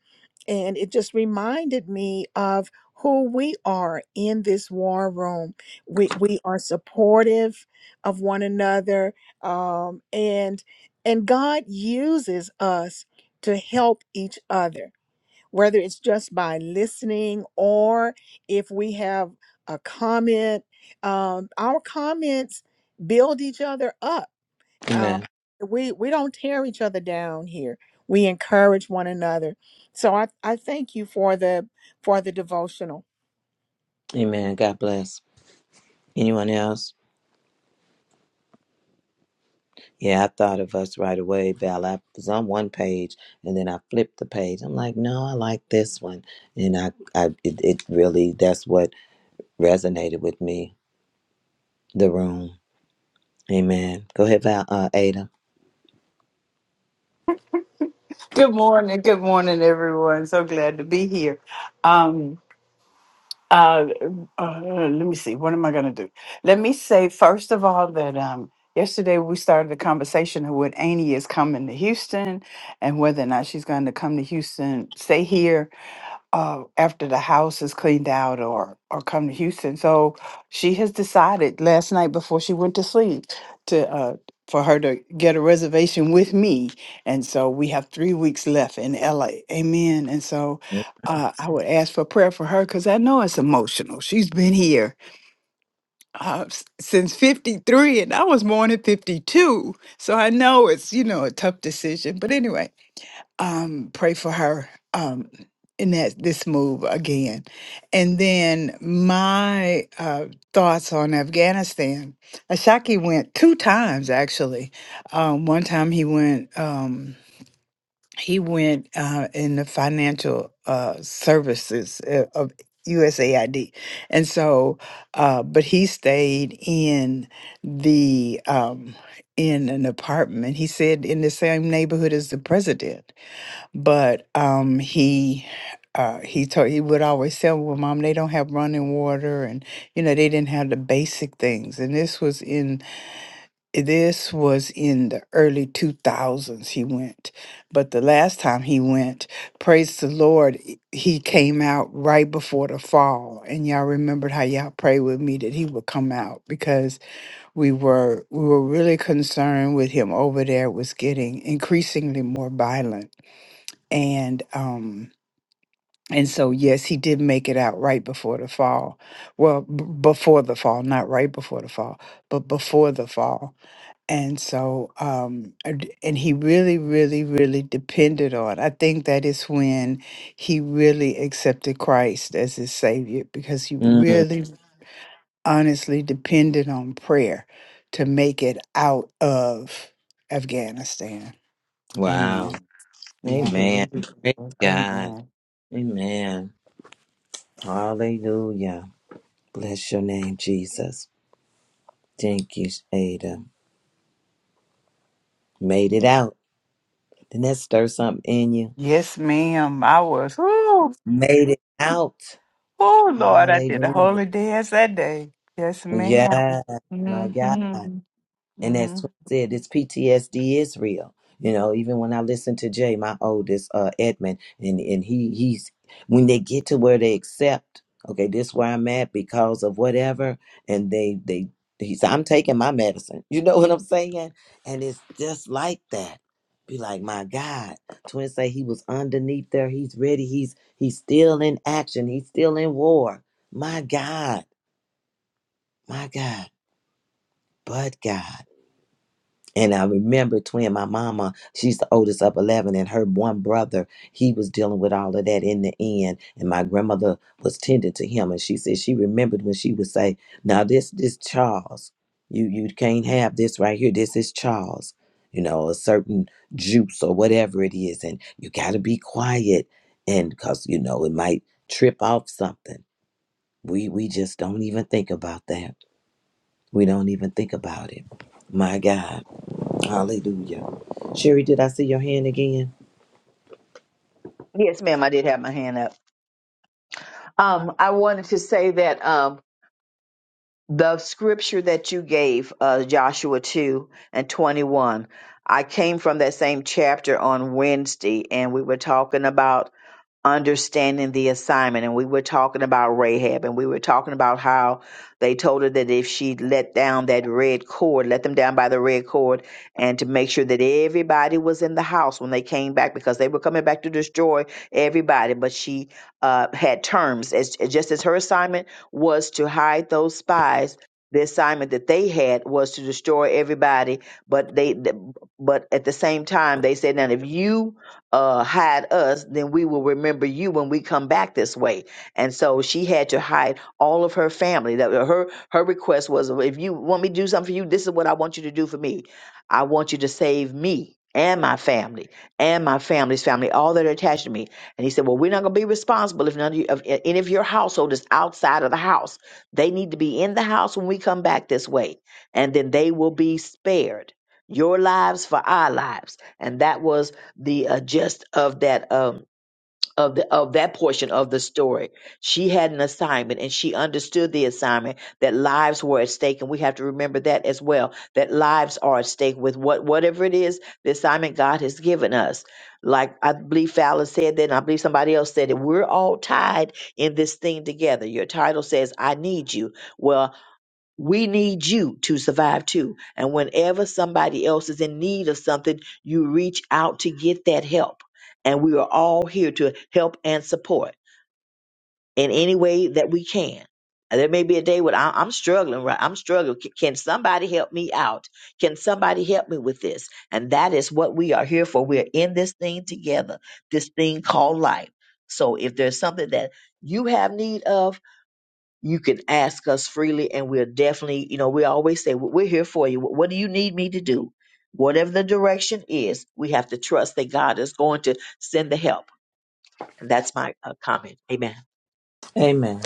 A: And it just reminded me of who we are in this war room. We, we are supportive of one another um, and and God uses us to help each other, whether it's just by listening or if we have a comment. Um, our comments build each other up uh,
B: Amen.
A: we we don't tear each other down here. We encourage one another. So I I thank you for the for the devotional.
B: Amen. God bless. Anyone else? Yeah, I thought of us right away, Val. I was on one page and then I flipped the page. I'm like, no, I like this one. And I, I it, it really, that's what resonated with me. The room. Amen. Go ahead, Val, uh, Ada.
J: Good morning, good morning, everyone. So glad to be here. Um, uh, uh, let me see. What am I going to do? Let me say first of all that um, yesterday we started a conversation of what Annie is coming to Houston and whether or not she's going to come to Houston, stay here, uh, after the house is cleaned out or or come to Houston. So she has decided last night before she went to sleep to uh, for her to get a reservation with me, and so we have three weeks left in LA. Amen. And so uh, I would ask for prayer for her because I know it's emotional. She's been here uh, s- since '53, and I was born at '52, so I know it's you know a tough decision. But anyway um, pray for her um, in that this move again. And then my uh, thoughts on Afghanistan. Ashaki went two times actually. Um, one time he went. Um, he went uh, in the financial uh, services uh, of USAID, and so, uh, but he stayed in the um, in an apartment. He said in the same neighborhood as the president but um he uh he told he would always tell me, well mom they don't have running water and you know they didn't have the basic things and this was in this was in the early 2000s he went but the last time he went praise the lord i- he came out right before the fall and y'all remembered how y'all prayed with me that he would come out because we were we were really concerned with him over there It was getting increasingly more violent and um and so, yes, he did make it out right before the fall. Well, b- before the fall, not right before the fall, but before the fall. And so, um, and and he really, really, really depended on. I think that is when he really accepted Christ as his savior because he
B: Mm,
J: really, honestly depended on prayer to make it out of Afghanistan.
B: wow.
J: Amen. Yeah, he
B: Amen.
J: really. did.
B: Praise God.
J: Amen.
B: Amen. Hallelujah. Bless your name, Jesus. Thank you, Ada. Made it out. Didn't that stir something in you?
J: Yes, ma'am. I was.
B: Made it out.
J: Oh Lord, I did a
B: Hallelujah.
J: holy dance that day. Yes, madam
B: Yeah, my God.
J: Mm-hmm.
B: And as
J: hmm
B: Twin said, this PTSD is real. You know, even when I listen to Jay, my oldest, uh, Edmund, and, and he he's when they get to where they accept, okay, this where I'm at because of whatever, and they they he's I'm taking my medicine. You know what I'm saying? And it's just like that. Be like, my God. Twin say he was underneath there. He's ready. He's he's still in action. He's still in war. My God. My God but God. And I remember twin, my mama, she's the oldest of 11, and her one brother, he was dealing with all of that in the end. And my grandmother was tending to him. And she said she remembered when she would say, Now this this Charles. You you can't have this right here. This is Charles. You know, a certain juice or whatever it is. And you gotta be quiet. And because, you know, it might trip off something. We we just don't even think about that. We don't even think about it. My God. Hallelujah. Sherry, did I see your hand again?
D: Yes, ma'am, I did have my hand up. Um, I wanted to say that um the scripture that you gave, uh Joshua two and twenty one, I came from that same chapter on Wednesday and we were talking about understanding the assignment. And we were talking about Rahab and we were talking about how they told her that if she let down that red cord, let them down by the red cord, and to make sure that everybody was in the house when they came back because they were coming back to destroy everybody. But she uh, had terms, as, just as her assignment was to hide those spies. The assignment that they had was to destroy everybody, but they, but at the same time, they said, "Now, if you uh, hide us, then we will remember you when we come back this way. And so she had to hide all of her family. That uh, her her request was, "Well, if you want me to do something for you, this is what I want you to do for me. I want you to save me and my family and my family's family, all that are attached to me. And he said, well, we're not going to be responsible if none of, you, of any of your household is outside of the house. They need to be in the house when we come back this way, and then they will be spared. Your lives for our lives. And that was the uh, gist of that um of the of that portion of the story. She had an assignment and she understood the assignment that lives were at stake and we have to remember that as well. That lives are at stake with what whatever it is the assignment God has given us. Like I believe Fowler said that and I believe somebody else said it. We're all tied in this thing together. Your title says I need you. Well we need you to survive too. And whenever somebody else is in need of something, you reach out to get that help. And we are all here to help and support in any way that we can. And There may be a day when I- I'm struggling, right? I'm struggling. Can can somebody help me out? Can somebody help me with this? And that is what we are here for. We are in this thing together, this thing called life. So if there's something that you have need of, you can ask us freely and we'll definitely you know we always say we're here for you what do you need me to do whatever the direction is we have to trust that god is going to send the help and that's my uh, comment amen
B: Amen.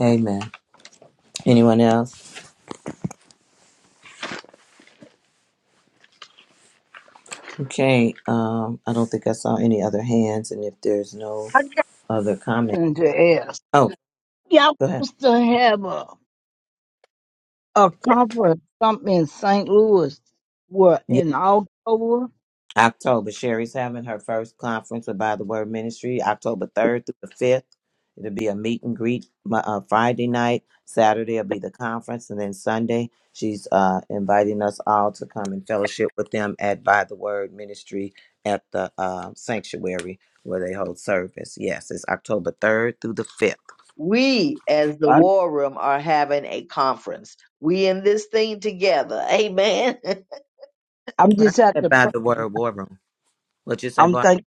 B: Amen. Anyone else? Okay. Um, I don't think I saw any other hands, and if there's no
F: I got
B: other comment,
F: something to ask.
B: oh,
F: Y'all
B: go ahead.
F: used to have a, a conference something in St. Louis, what, in October?
B: October. Sherry's having her first conference about the Word Ministry, October 3rd through the 5th. It'll be a meet and greet Mo- uh, Friday night. Saturday will be the conference. And then Sunday, she's uh, inviting us all to come and fellowship with them at By the Word Ministry at the uh, sanctuary where they hold service. Yes, it's October 3rd through the 5th.
D: we as the
F: I,
D: war room are having a conference we in this thing together amen
F: I'm
B: Right.
F: just at
B: At
F: the,
B: By
F: pr-
B: the Word War Room. What you say,
F: I'm
B: boy?
F: thinking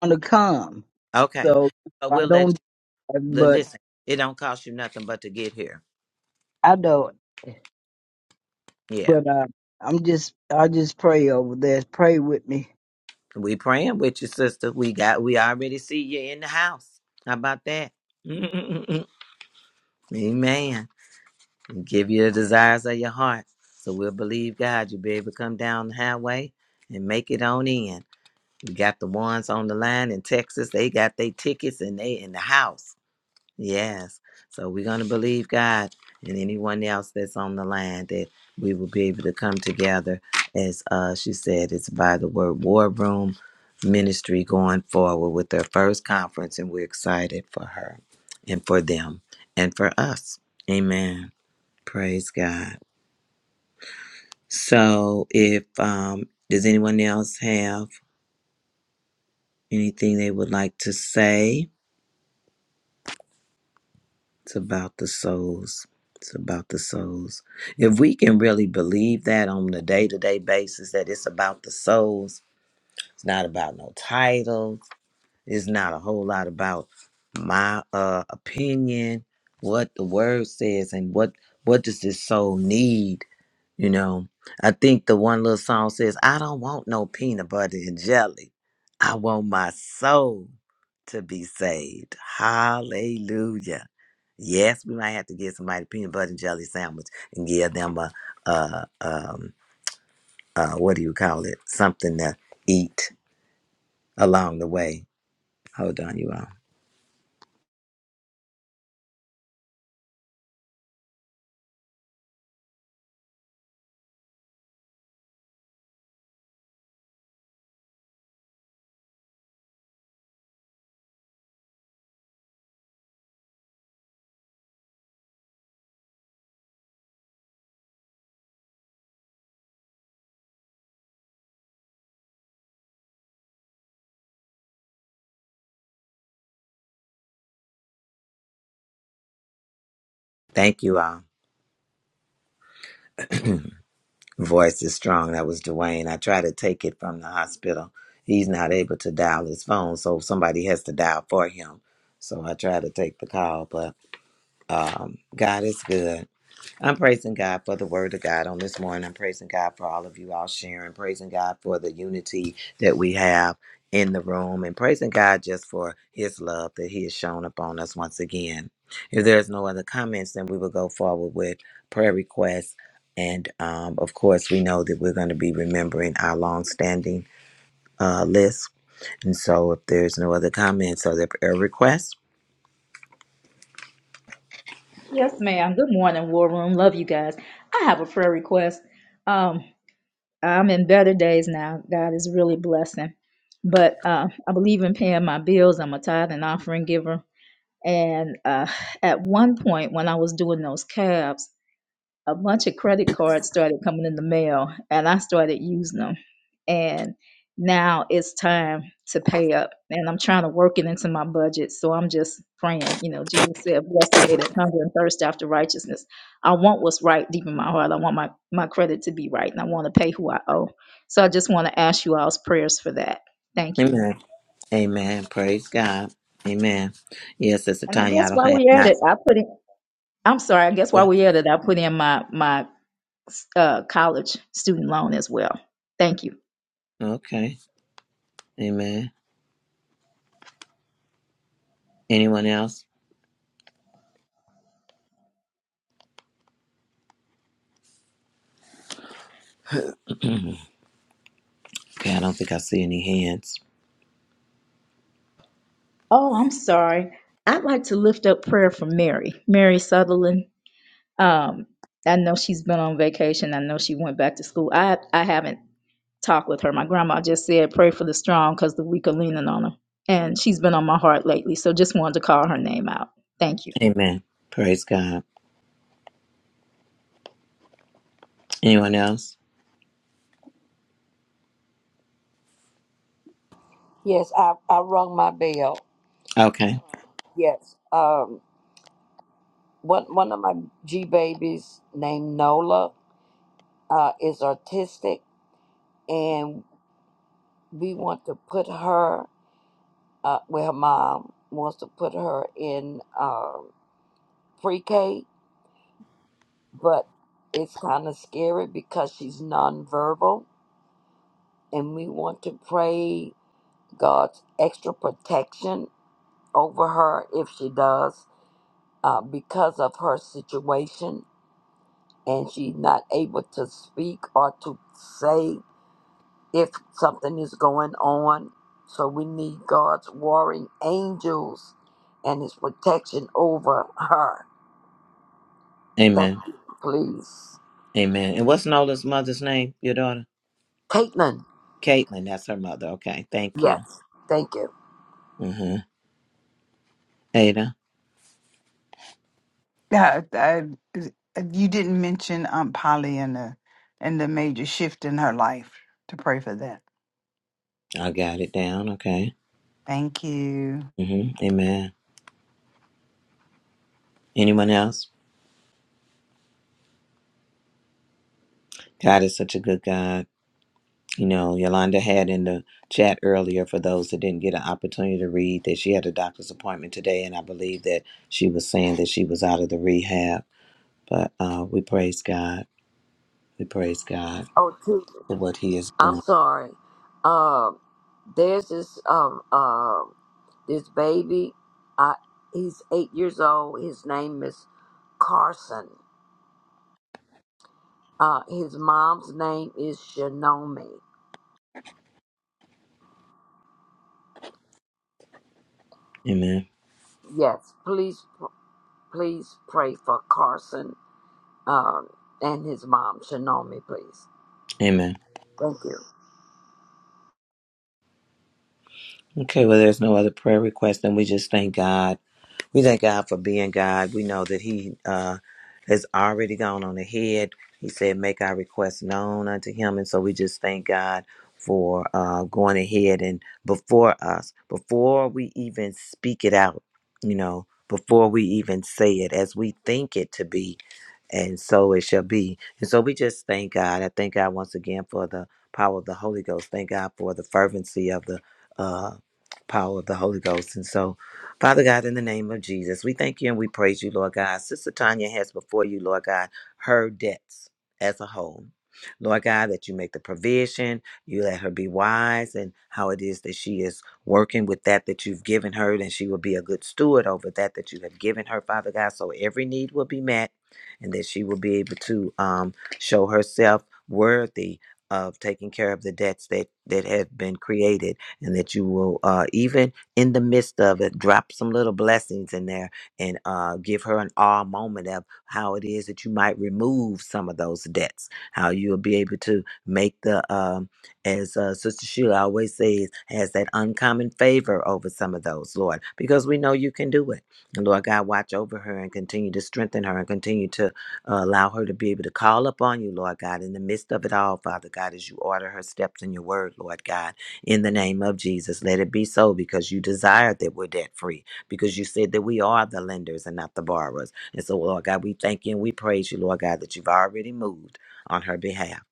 F: I'm going to come.
B: Okay.
F: So
B: But
F: I
B: we'll let
F: don't,
B: you li-
F: but
B: listen. It don't cost you nothing but to get here.
F: I don't,
B: Yeah.
F: but uh, I'm just, I just pray over there. Pray with me.
B: We praying with you, sister. We got we already see you in the house. How about that? Amen. Give you the desires of your heart. So we'll believe God. You'll be able to come down the highway and make it on in. We got the ones on the line in Texas. They got their tickets and they in the house. Yes. So we're going to believe God and anyone else that's on the line that we will be able to come together. As uh, she said, it's by the word War Room Ministry going forward with their first conference, and we're excited for her and for them and for us. Amen. Praise God. So if um, does anyone else have anything they would like to say? It's about the souls. It's about the souls. If we can really believe that on a day to day basis, that it's about the souls, it's not about no titles. It's not a whole lot about my uh opinion, what the word says and what what does this soul need, you know. I think the one little song says, I don't want no peanut butter and jelly. I want my soul to be saved. Hallelujah. Yes, we might have to get somebody a peanut butter and jelly sandwich and give them a uh um uh what do you call it? Something to eat along the way. Hold on, you all. Thank you all. Voice is strong. That was Dwayne. I try to take it from the hospital. He's not able to dial his phone, so somebody has to dial for him. So I try to take the call, but um, God is good. I'm praising God for the word of God on this morning. I'm praising God for all of you all sharing, praising God for the unity that we have in the room, and praising God just for his love that he has shown upon us once again. If there's no other comments, then we will go forward with prayer requests. And um, of course, we know that we're going to be remembering our longstanding uh, list. And so, if there's no other comments or the prayer requests,
I: Yes, ma'am. Good morning, War Room. Love you guys. I have a prayer request. Um, I'm in better days now. God is really blessing. But uh, I believe in paying my bills. I'm a tithe and offering giver. And uh, at one point, when I was doing those calves, a bunch of credit cards started coming in the mail and I started using them. And now it's time to pay up. And I'm trying to work it into my budget. So I'm just praying. You know, Jesus said, Blessed are they that hunger and thirst after righteousness. I want what's right deep in my heart. I want my, my credit to be right and I want to pay who I owe. So I just want to ask you all's prayers for that. Thank you.
B: amen. Amen. Praise God. Amen. Yes, Sister
I: And I
B: Tanya, I
I: guess
B: don't
I: while
B: have
I: we're at
B: not.
I: it, I put in, I'm sorry, I guess
B: Go-
I: while
B: ahead.
I: we're at it, I put in my, my uh, college student loan as well. Thank you.
B: Okay. Amen. Anyone else? okay, I don't think I see any hands.
I: Oh, I'm sorry. I'd like to lift up prayer for Mary, Mary Sutherland. Um, I know she's been on vacation. I know she went back to school. I I haven't talked with her. My grandma just said pray for the strong because the weak are leaning on her, and she's been on my heart lately. So just wanted to call her name out. Thank you.
B: Amen. Praise God. Anyone else?
H: Yes, I, I rung my bell.
B: Okay.
H: Yes. Um, one, one of my G babies named Nola uh, is autistic, and we want to put her, uh, well, her mom wants to put her in uh, pre K, but it's kind of scary because she's nonverbal and we want to pray God's extra protection over her if she does uh, because of her situation and she's not able to speak or to say if something is going on. So we need God's warring angels and his protection over her. Thank
B: Amen.
H: you, please.
B: Amen. And what's Nola's mother's name? Your daughter?
H: Caitlin,
B: Caitlin. That's her mother. Okay. Thank you.
H: yes, thank you.
B: Mm-hmm. Ada.
J: Yeah, I, I- you didn't mention Aunt Polly and the and the major shift in her life. To pray for that.
B: I got it down. Okay.
J: Thank you.
B: Mm-hmm. Amen. Anyone else? God is such a good God. You know, Yolanda had in the chat earlier for those that didn't get an opportunity to read that she had a doctor's appointment today, and I believe that she was saying that she was out of the rehab. But uh, we praise God. We praise God
H: Oh, too.
B: for what He has done.
H: I'm sorry. Um, there's this um uh, This baby, uh, he's eight years old. His name is Carson. Uh, his mom's name is Shinomi.
B: Amen.
H: Yes, please, please pray for Carson um, and his mom, Shinomi, please.
B: Amen.
H: Thank you.
B: Okay, well, there's no other prayer request, and we just thank God. We thank God for being God. We know that He uh, has already gone on ahead. He said, Make our requests known unto Him. And so we just thank God for uh, going ahead and before us, before we even speak it out, you know, before we even say it, as we think it to be and so it shall be. And so we just thank God. I thank God once again for the power of the Holy Ghost. Thank God for the fervency of the uh, power of the Holy Ghost. And so, Father God, in the name of Jesus, we thank you and we praise you, Lord God. Sister Tanya has before you, Lord God, her debts as a whole. Lord God, that you make the provision, you let her be wise and how it is that she is working with that that you've given her, and she will be a good steward over that that you have given her, Father God. So every need will be met and that she will be able to um, show herself worthy of taking care of the debts that that have been created and that you will uh, even in the midst of it drop some little blessings in there and uh, give her an awe moment of how it is that you might remove some of those debts how you'll be able to make the um, as uh, Sister Sheila always says, has that uncommon favor over some of those, Lord, because we know you can do it. And Lord God, watch over her and continue to strengthen her and continue to uh, allow her to be able to call upon you, Lord God, in the midst of it all, Father God, as you order her steps in your word, Lord God, in the name of Jesus. Let it be so because you desire that we're debt free, because you said that we are the lenders and not the borrowers. And so, Lord God, we thank you and we praise you, Lord God, that you've already moved on her behalf.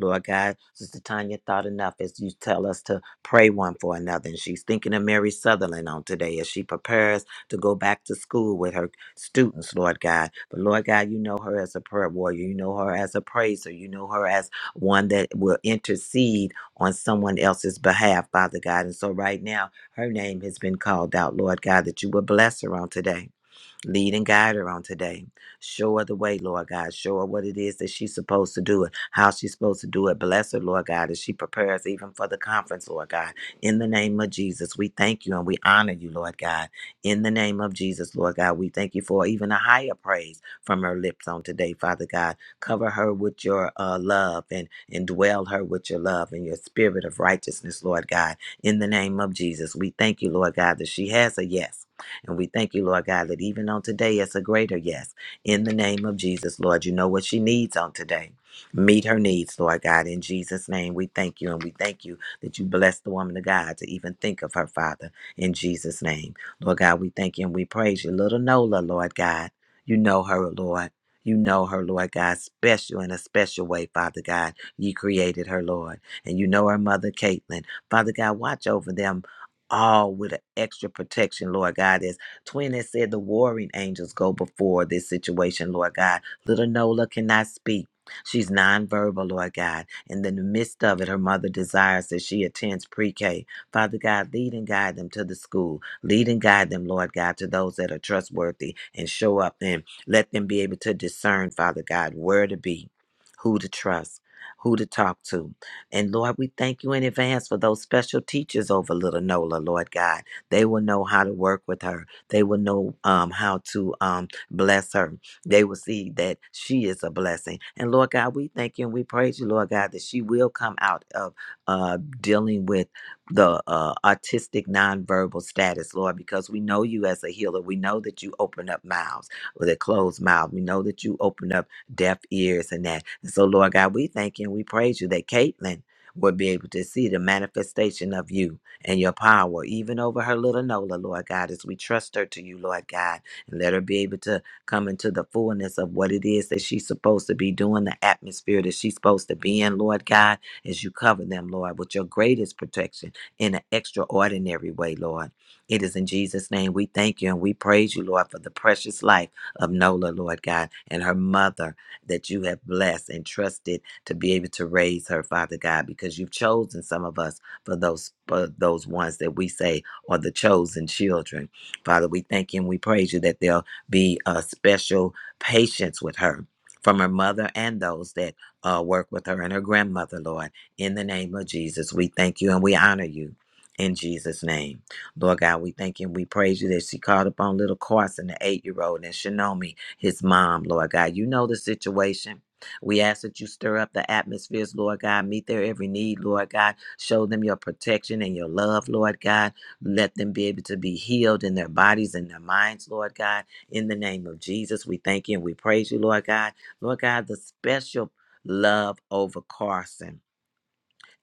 B: Lord God, Sister Tanya thought enough as you tell us to pray one for another. And she's thinking of Mary Sutherland on today as she prepares to go back to school with her students, Lord God. But Lord God, you know her as a prayer warrior. You know her as a praiser. You know her as one that will intercede on someone else's behalf, Father God. And so right now, her name has been called out, Lord God, that you will bless her on today Lead and guide her on today. Show her the way, Lord God. Show her what it is that she's supposed to do it, how she's supposed to do it. Bless her, Lord God, as she prepares even for the conference, Lord God. In the name of Jesus, we thank you and we honor you, Lord God. In the name of Jesus, Lord God, we thank you for even a higher praise from her lips on today, Father God. Cover her with your uh, love and, and dwell her with your love and your spirit of righteousness, Lord God. In the name of Jesus, we thank you, Lord God, that she has a yes. And we thank you, Lord God, that even on today, it's a greater yes. In the name of Jesus, Lord, you know what she needs on today. Meet her needs, Lord God. In Jesus' name, we thank you. And we thank you that you bless the woman of God to even think of her, Father, in Jesus' name. Lord God, we thank you and we praise you. Little Nola, Lord God, you know her, Lord. You know her, Lord God, special in a special way, Father God. You created her, Lord. And you know her mother, Caitlin. Father God, watch over them all with an extra protection, Lord God. As Twin has said, the warring angels go before this situation, Lord God. Little Nola cannot speak. She's nonverbal, Lord God. And in the midst of it, her mother desires that she attends pre K. Father God, lead and guide them to the school. Lead and guide them, Lord God, to those that are trustworthy and show up and let them be able to discern, Father God, where to be, who to trust, who to talk to. And Lord, we thank you in advance for those special teachers over little Nola, Lord God. They will know how to work with her. They will know um, how to um, bless her. They will see that she is a blessing. And Lord God, we thank you and we praise you, Lord God, that she will come out of uh, dealing with the uh, artistic nonverbal status, Lord, because we know you as a healer. We know that you open up mouths with a closed mouth. We know that you open up deaf ears and that. And so, Lord God, we thank you and we praise you that Caitlin will be able to see the manifestation of you and your power, even over her little Nola, Lord God, as we trust her to you, Lord God, and let her be able to come into the fullness of what it is that she's supposed to be doing, the atmosphere that she's supposed to be in, Lord God, as you cover them, Lord, with your greatest protection in an extraordinary way, Lord. It is in Jesus' name we thank you and we praise you, Lord, for the precious life of Nola, Lord God, and her mother that you have blessed and trusted to be able to raise her, Father God, because you've chosen some of us for those for those ones that we say are the chosen children. Father, we thank you and we praise you that there'll be a special patience with her. From her mother and those that uh, work with her and her grandmother, Lord. In the name of Jesus, we thank you and we honor you in Jesus' name. Lord God, we thank you and we praise you that she called upon little Carson, the eight year old, and Shinomi, his mom, Lord God. You know the situation. We ask that you stir up the atmospheres, Lord God. Meet their every need, Lord God. Show them your protection and your love, Lord God. Let them be able to be healed in their bodies and their minds, Lord God. In the name of Jesus, we thank you and we praise you, Lord God. Lord God, the special love over Carson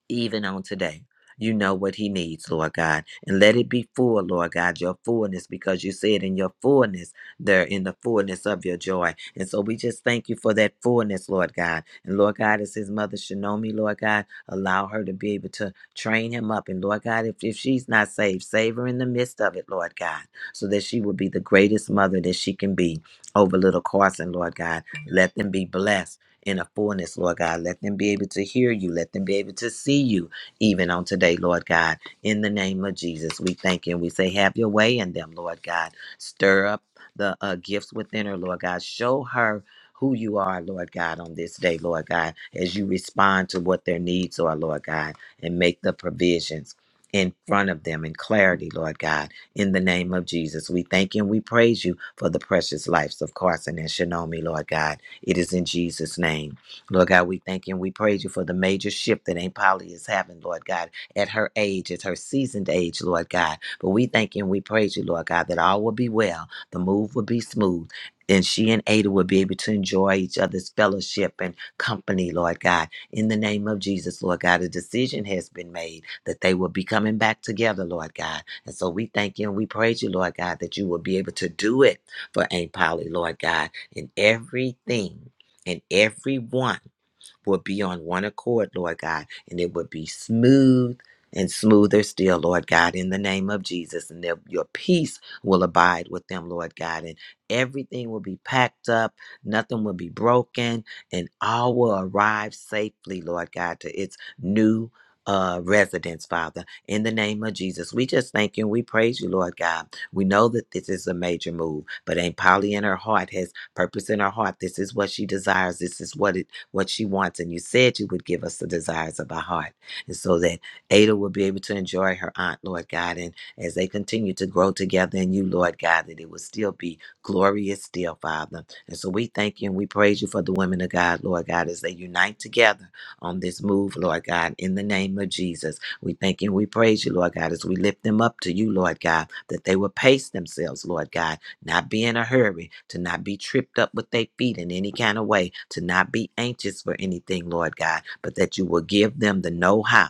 B: even on today. You know what he needs, Lord God. And let it be full, Lord God, your fullness, because you said in your fullness, there in the fullness of your joy. And so we just thank you for that fullness, Lord God. And Lord God, as his mother Shinomi, Lord God, allow her to be able to train him up. And Lord God, if, if she's not saved, save her in the midst of it, Lord God, so that she will be the greatest mother that she can be over little Carson, Lord God. Let them be blessed in a fullness, Lord God. Let them be able to hear you. Let them be able to see you even on today, Lord God. In the name of Jesus, we thank you and we say, have your way in them, Lord God. Stir up the uh, gifts within her, Lord God. Show her who you are, Lord God, on this day, Lord God, as you respond to what their needs are, Lord God, and make the provisions. In front of them in clarity, Lord God, in the name of Jesus. We thank you and we praise you for the precious lives of Carson and Shinomi, Lord God. It is in Jesus' name. Lord God, we thank you and we praise you for the major shift that Aunt Polly is having, Lord God, at her age, at her seasoned age, Lord God. But we thank you and we praise you, Lord God, that all will be well. The move will be smooth. And she and Ada will be able to enjoy each other's fellowship and company, Lord God. In the name of Jesus, Lord God, a decision has been made that they will be coming back together, Lord God. And so we thank you and we praise you, Lord God, that you will be able to do it for Aunt Polly, Lord God and everything and everyone would be on one accord, Lord God, and it would be smooth and smoother still, Lord God, in the name of Jesus. And that your peace will abide with them, Lord God, and everything will be packed up, nothing will be broken, and all will arrive safely, Lord God, to its new. Uh, residence, Father, in the name of Jesus, we just thank you and we praise you, Lord God. We know that this is a major move, but Aunt Polly in her heart has purpose in her heart. This is what she desires. This is what it is what she wants. And you said you would give us the desires of our heart. And so that Ada will be able to enjoy her aunt, Lord God. And as they continue to grow together in you, Lord God, that it will still be glorious still, Father. And so we thank you and we praise you for the women of God, Lord God, as they unite together on this move, Lord God, in the name of Jesus. We thank you and we praise you, Lord God, as we lift them up to you, Lord God, that they will pace themselves, Lord God not be in a hurry, to not be tripped up with their feet in any kind of way, to not be anxious for anything, Lord God, but that you will give them the know how.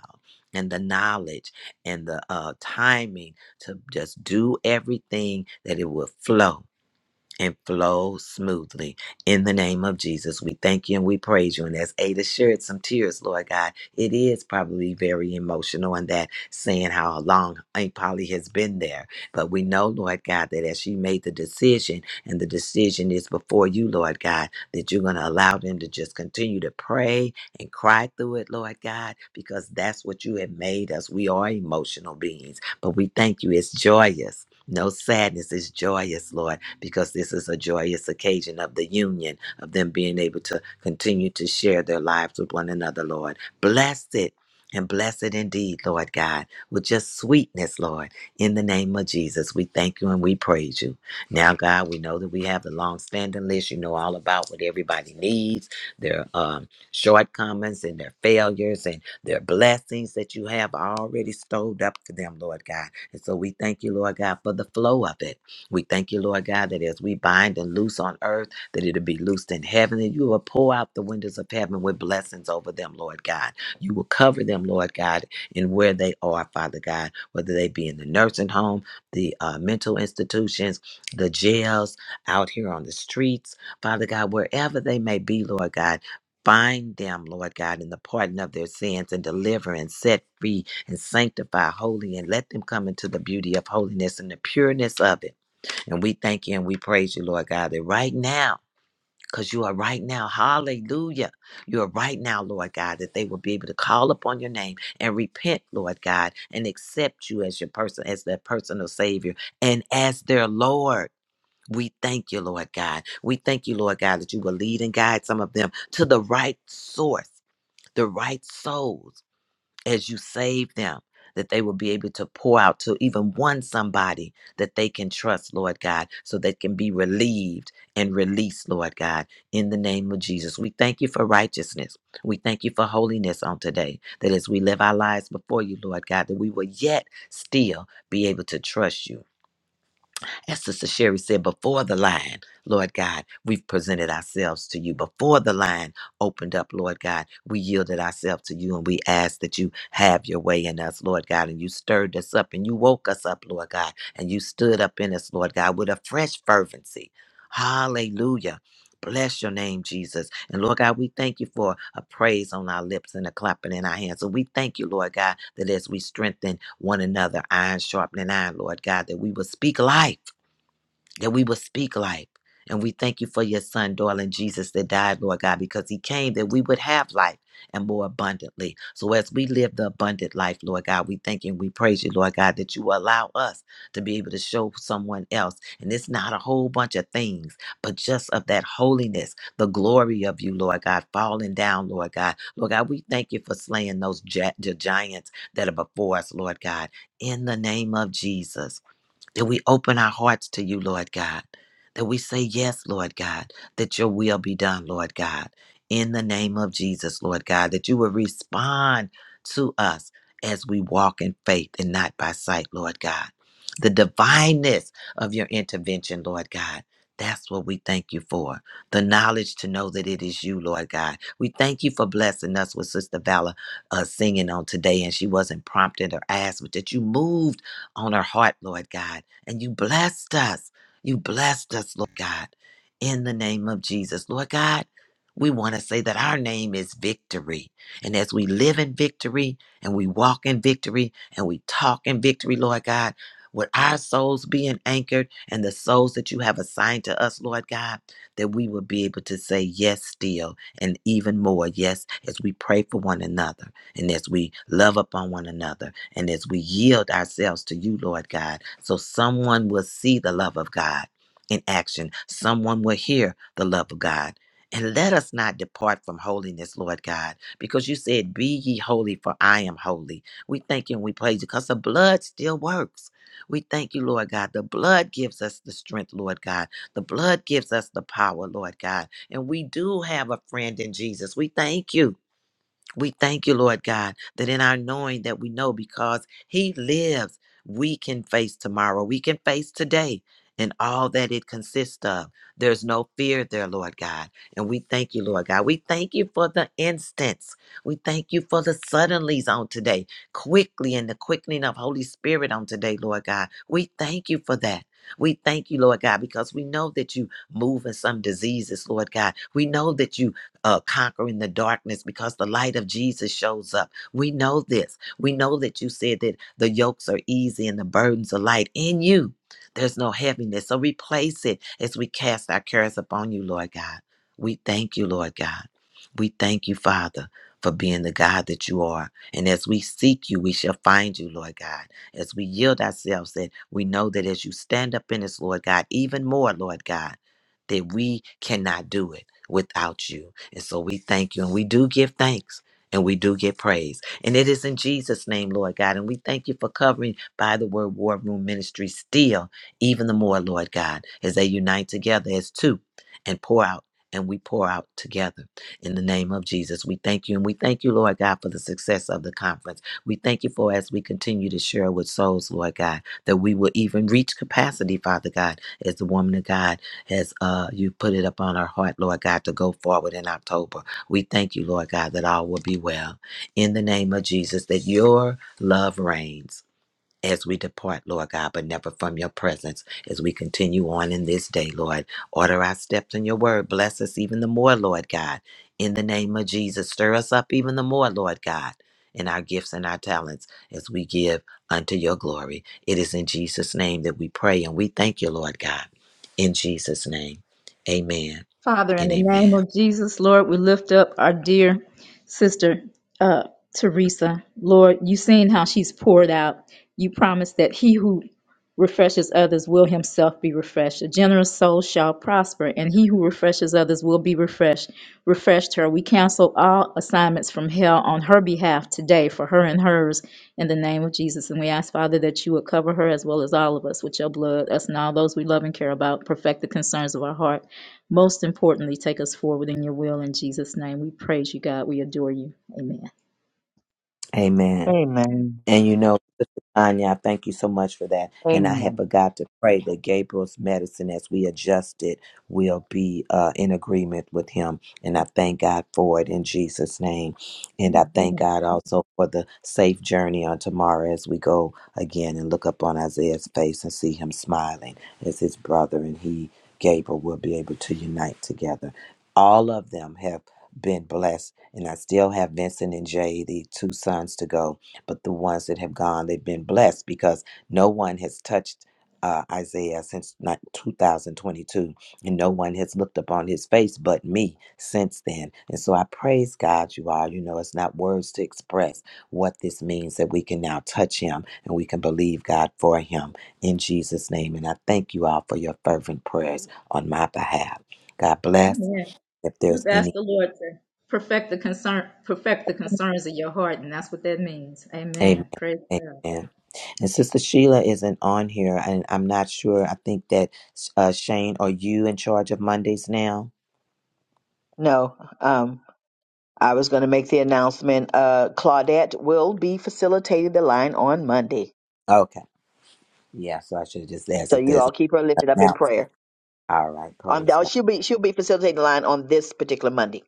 B: And the knowledge and the uh, timing to just do everything that it will flow and flow smoothly. In the name of Jesus, we thank you and we praise you. And as Ada shared some tears, Lord God, it is probably very emotional and that saying how long Aunt Polly has been there. But we know, Lord God, that as she made the decision, and the decision is before you, Lord God, that you're going to allow them to just continue to pray and cry through it, Lord God, because that's what you have made us. We are emotional beings, but we thank you. It's joyous. No sadness is joyous, Lord, because this is a joyous occasion of the union, of them being able to continue to share their lives with one another, Lord. Bless it and bless it indeed, Lord God, with just sweetness, Lord. In the name of Jesus, we thank you and we praise you. Now, God, we know that we have the long standing list. You know all about what everybody needs, their um, shortcomings and their failures and their blessings that you have already stowed up for them, Lord God. And so we thank you, Lord God, for the flow of it. We thank you, Lord God, that as we bind and loose on earth, that it'll be loosed in heaven, and you will pour out the windows of heaven with blessings over them, Lord God. You will cover them, Lord God, in where they are, Father God, whether they be in the nursing home, the uh, mental institutions, the jails, out here on the streets, Father God, wherever they may be, Lord God. Find them, Lord God, in the pardon of their sins and deliver and set free and sanctify holy and let them come into the beauty of holiness and the pureness of it. And we thank you and we praise you, Lord God, that right now, because you are right now, hallelujah. You are right now, Lord God, that they will be able to call upon your name and repent, Lord God, and accept you as your person, as their personal Savior and as their Lord. We thank you, Lord God. We thank you, Lord God, that you will lead and guide some of them to the right source, the right souls as you save them, that they will be able to pour out to even one somebody that they can trust, Lord God, so they can be relieved and released, Lord God, in the name of Jesus. We thank you for righteousness. We thank you for holiness on today, that as we live our lives before you, Lord God, that we will yet still be able to trust you as Sister Sherry said, before the line, Lord God, we've presented ourselves to you. Before the line opened up, Lord God, we yielded ourselves to you and we asked that you have your way in us, Lord God. And you stirred us up and you woke us up, Lord God. And you stood up in us, Lord God, with a fresh fervency. Hallelujah. Bless your name, Jesus. And Lord God, we thank you for a praise on our lips and a clapping in our hands. And we thank you, Lord God, that as we strengthen one another, iron sharpening iron, Lord God, that we will speak life that we will speak life. And we thank you for your son, darling Jesus, that died, Lord God, because he came that we would have life and more abundantly. So as we live the abundant life, Lord God, we thank you and we praise you, Lord God, that you allow us to be able to show someone else. And it's not a whole bunch of things, but just of that holiness, the glory of you, Lord God, falling down, Lord God. Lord God, we thank you for slaying those gi- the giants that are before us, Lord God, in the name of Jesus that we open our hearts to you, Lord God, that we say yes, Lord God, that your will be done, Lord God, in the name of Jesus, Lord God, that you will respond to us as we walk in faith and not by sight, Lord God. The divineness of your intervention, Lord God. That's what we thank you for. The knowledge to know that it is you, Lord God. We thank you for blessing us with Sister Vala uh, singing on today, and she wasn't prompted or asked, but that you moved on her heart, Lord God and you blessed us. You blessed us, Lord God, in the name of Jesus. Lord God, we want to say that our name is victory. And as we live in victory and we walk in victory and we talk in victory, Lord God, with our souls being anchored and the souls that you have assigned to us, Lord God, that we will be able to say yes still and even more yes as we pray for one another and as we love upon one another and as we yield ourselves to you, Lord God, so someone will see the love of God in action, someone will hear the love of God. And let us not depart from holiness, Lord God, because you said, Be ye holy, for I am holy. We thank you and we praise you because the blood still works. We thank you, Lord God. The blood gives us the strength, Lord God. The blood gives us the power, Lord God. And we do have a friend in Jesus. We thank you. We thank you, Lord God, that in our knowing that we know because He lives, we can face tomorrow. We can face today and all that it consists of. There's no fear there, Lord God. And we thank you, Lord God. We thank you for the instance. We thank you for the suddenlies on today, quickly and the quickening of Holy Spirit on today, Lord God. We thank you for that. We thank you, Lord God, because we know that you move in some diseases, Lord God. We know that you uh, conquering the darkness because the light of Jesus shows up. We know this. We know that you said that the yokes are easy and the burdens are light in you. There's no heaviness. So replace it as we cast our cares upon you, Lord God. We thank you, Lord God. We thank you, Father, for being the God that you are. And as we seek you, we shall find you, Lord God. As we yield ourselves, that we know that as you stand up in us, Lord God, even more, Lord God, that we cannot do it without you. And so we thank you and we do give thanks and we do give praise. And it is in Jesus' name, Lord God. And we thank you for covering by the word War Room Ministry still, even the more, Lord God, as they unite together as two and pour out. And we pour out together in the name of Jesus. We thank you. And we thank you, Lord God, for the success of the conference. We thank you for as we continue to share with souls, Lord God, that we will even reach capacity, Father God, as the woman of God has uh, you put it upon our heart, Lord God, to go forward in October. We thank you, Lord God, that all will be well. In the name of Jesus, that your love reigns as we depart, Lord God, but never from your presence. As we continue on in this day, Lord, order our steps in your word. Bless us even the more, Lord God. In the name of Jesus, stir us up even the more, Lord God, in our gifts and our talents as we give unto your glory. It is in Jesus' name that we pray and we thank you, Lord God. In Jesus' name, amen
I: Father, in
B: and
I: the
B: amen.
I: name of Jesus, Lord, we lift up our dear sister, uh, Teresa. Lord, you've seen how she's poured out. You promised that he who refreshes others will himself be refreshed. A generous soul shall prosper, and he who refreshes others will be refreshed. Refreshed her. We cancel all assignments from hell on her behalf today for her and hers in the name of Jesus. And we ask, Father, that you would cover her as well as all of us with your blood, us and all those we love and care about, perfect the concerns of our heart. Most importantly, take us forward in your will. In Jesus' name, we praise you, God. We adore you. Amen.
B: Amen.
D: amen
B: And you know, Sister Tanya, I thank you so much for that. And I had
J: Amen.
B: forgot to pray that Gabriel's medicine, as we adjust it, will be uh, in agreement with him. And I thank God for it in Jesus' name. And I thank
I: Amen.
B: God also for the safe journey on tomorrow as we go again and look up on Isaiah's face and see him smiling as his brother and he, Gabriel, will be able to unite together. All of them have been blessed. And I still have Vincent and Jay, the two sons, to go but the ones that have gone, they've been blessed because no one has touched uh, Isaiah since not 2022, and no one has looked upon his face but me since then. And so I praise God, you all. You know, it's not words to express what this means that we can now touch him and we can believe God for him in Jesus' name. And I thank you all for your fervent prayers on my behalf. God bless.
I: Amen.
B: If there's
I: We've
B: any
I: asked the Lord to perfect the concern, perfect the concerns of your heart, and that's what that means.
B: Amen.
I: Amen. Praise God.
B: Amen. And Sister Sheila isn't on here, and I'm not sure. I think that uh, Shane, are you in charge of Mondays now?
D: no um i was going to make the announcement uh claudette will be facilitating the line on monday
B: Okay. Yeah, so I should have just asked
D: so
B: if
D: you
B: there's
D: all keep her lifted up in
B: now.
D: prayer
B: All right.
D: Um,
B: Praise
D: no,
B: God.
D: she'll be she'll be facilitating the line on this particular Monday.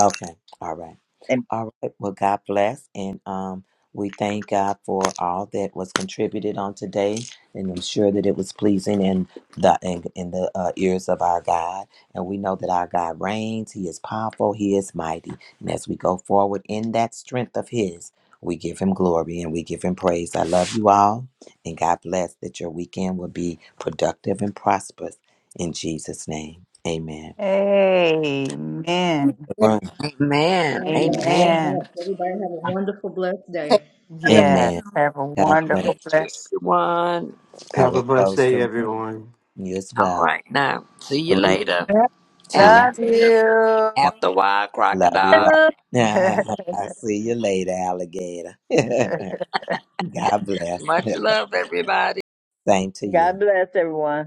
B: Okay. All right.
D: And
B: All right. Well, God bless. And um, we thank God for all that was contributed on today. And I'm sure that it was pleasing in the in, in the uh, ears of our God. And we know that our God reigns. He is powerful. He is mighty. And as we go forward in that strength of His, we give Him glory and we give Him praise. I love you all. And God bless that your weekend will be productive and prosperous in Jesus' name. Amen.
J: Amen.
H: Amen.
I: Love
H: Amen.
I: y'all so
H: Yes.
J: Amen.
I: much. Everybody have a wonderful, blessed day.
J: Yes.
B: Amen.
J: Have a
B: God
H: God
B: bless.
H: bless
J: wonderful,
H: you,
J: blessed.
H: everyone.
B: I
K: Have
B: will
K: a blessed
B: close
K: day,
B: the room.
K: everyone.
B: You as
H: All
B: well.
H: right, now, see you
B: Three,
H: later,
B: two,
J: Love
H: alligators,
J: you.
B: one.
H: after a while,
B: Love you
H: crocodile.
B: all. I see you later, alligator. God bless.
H: Much love, everybody.
B: Same to you.
D: God bless everyone.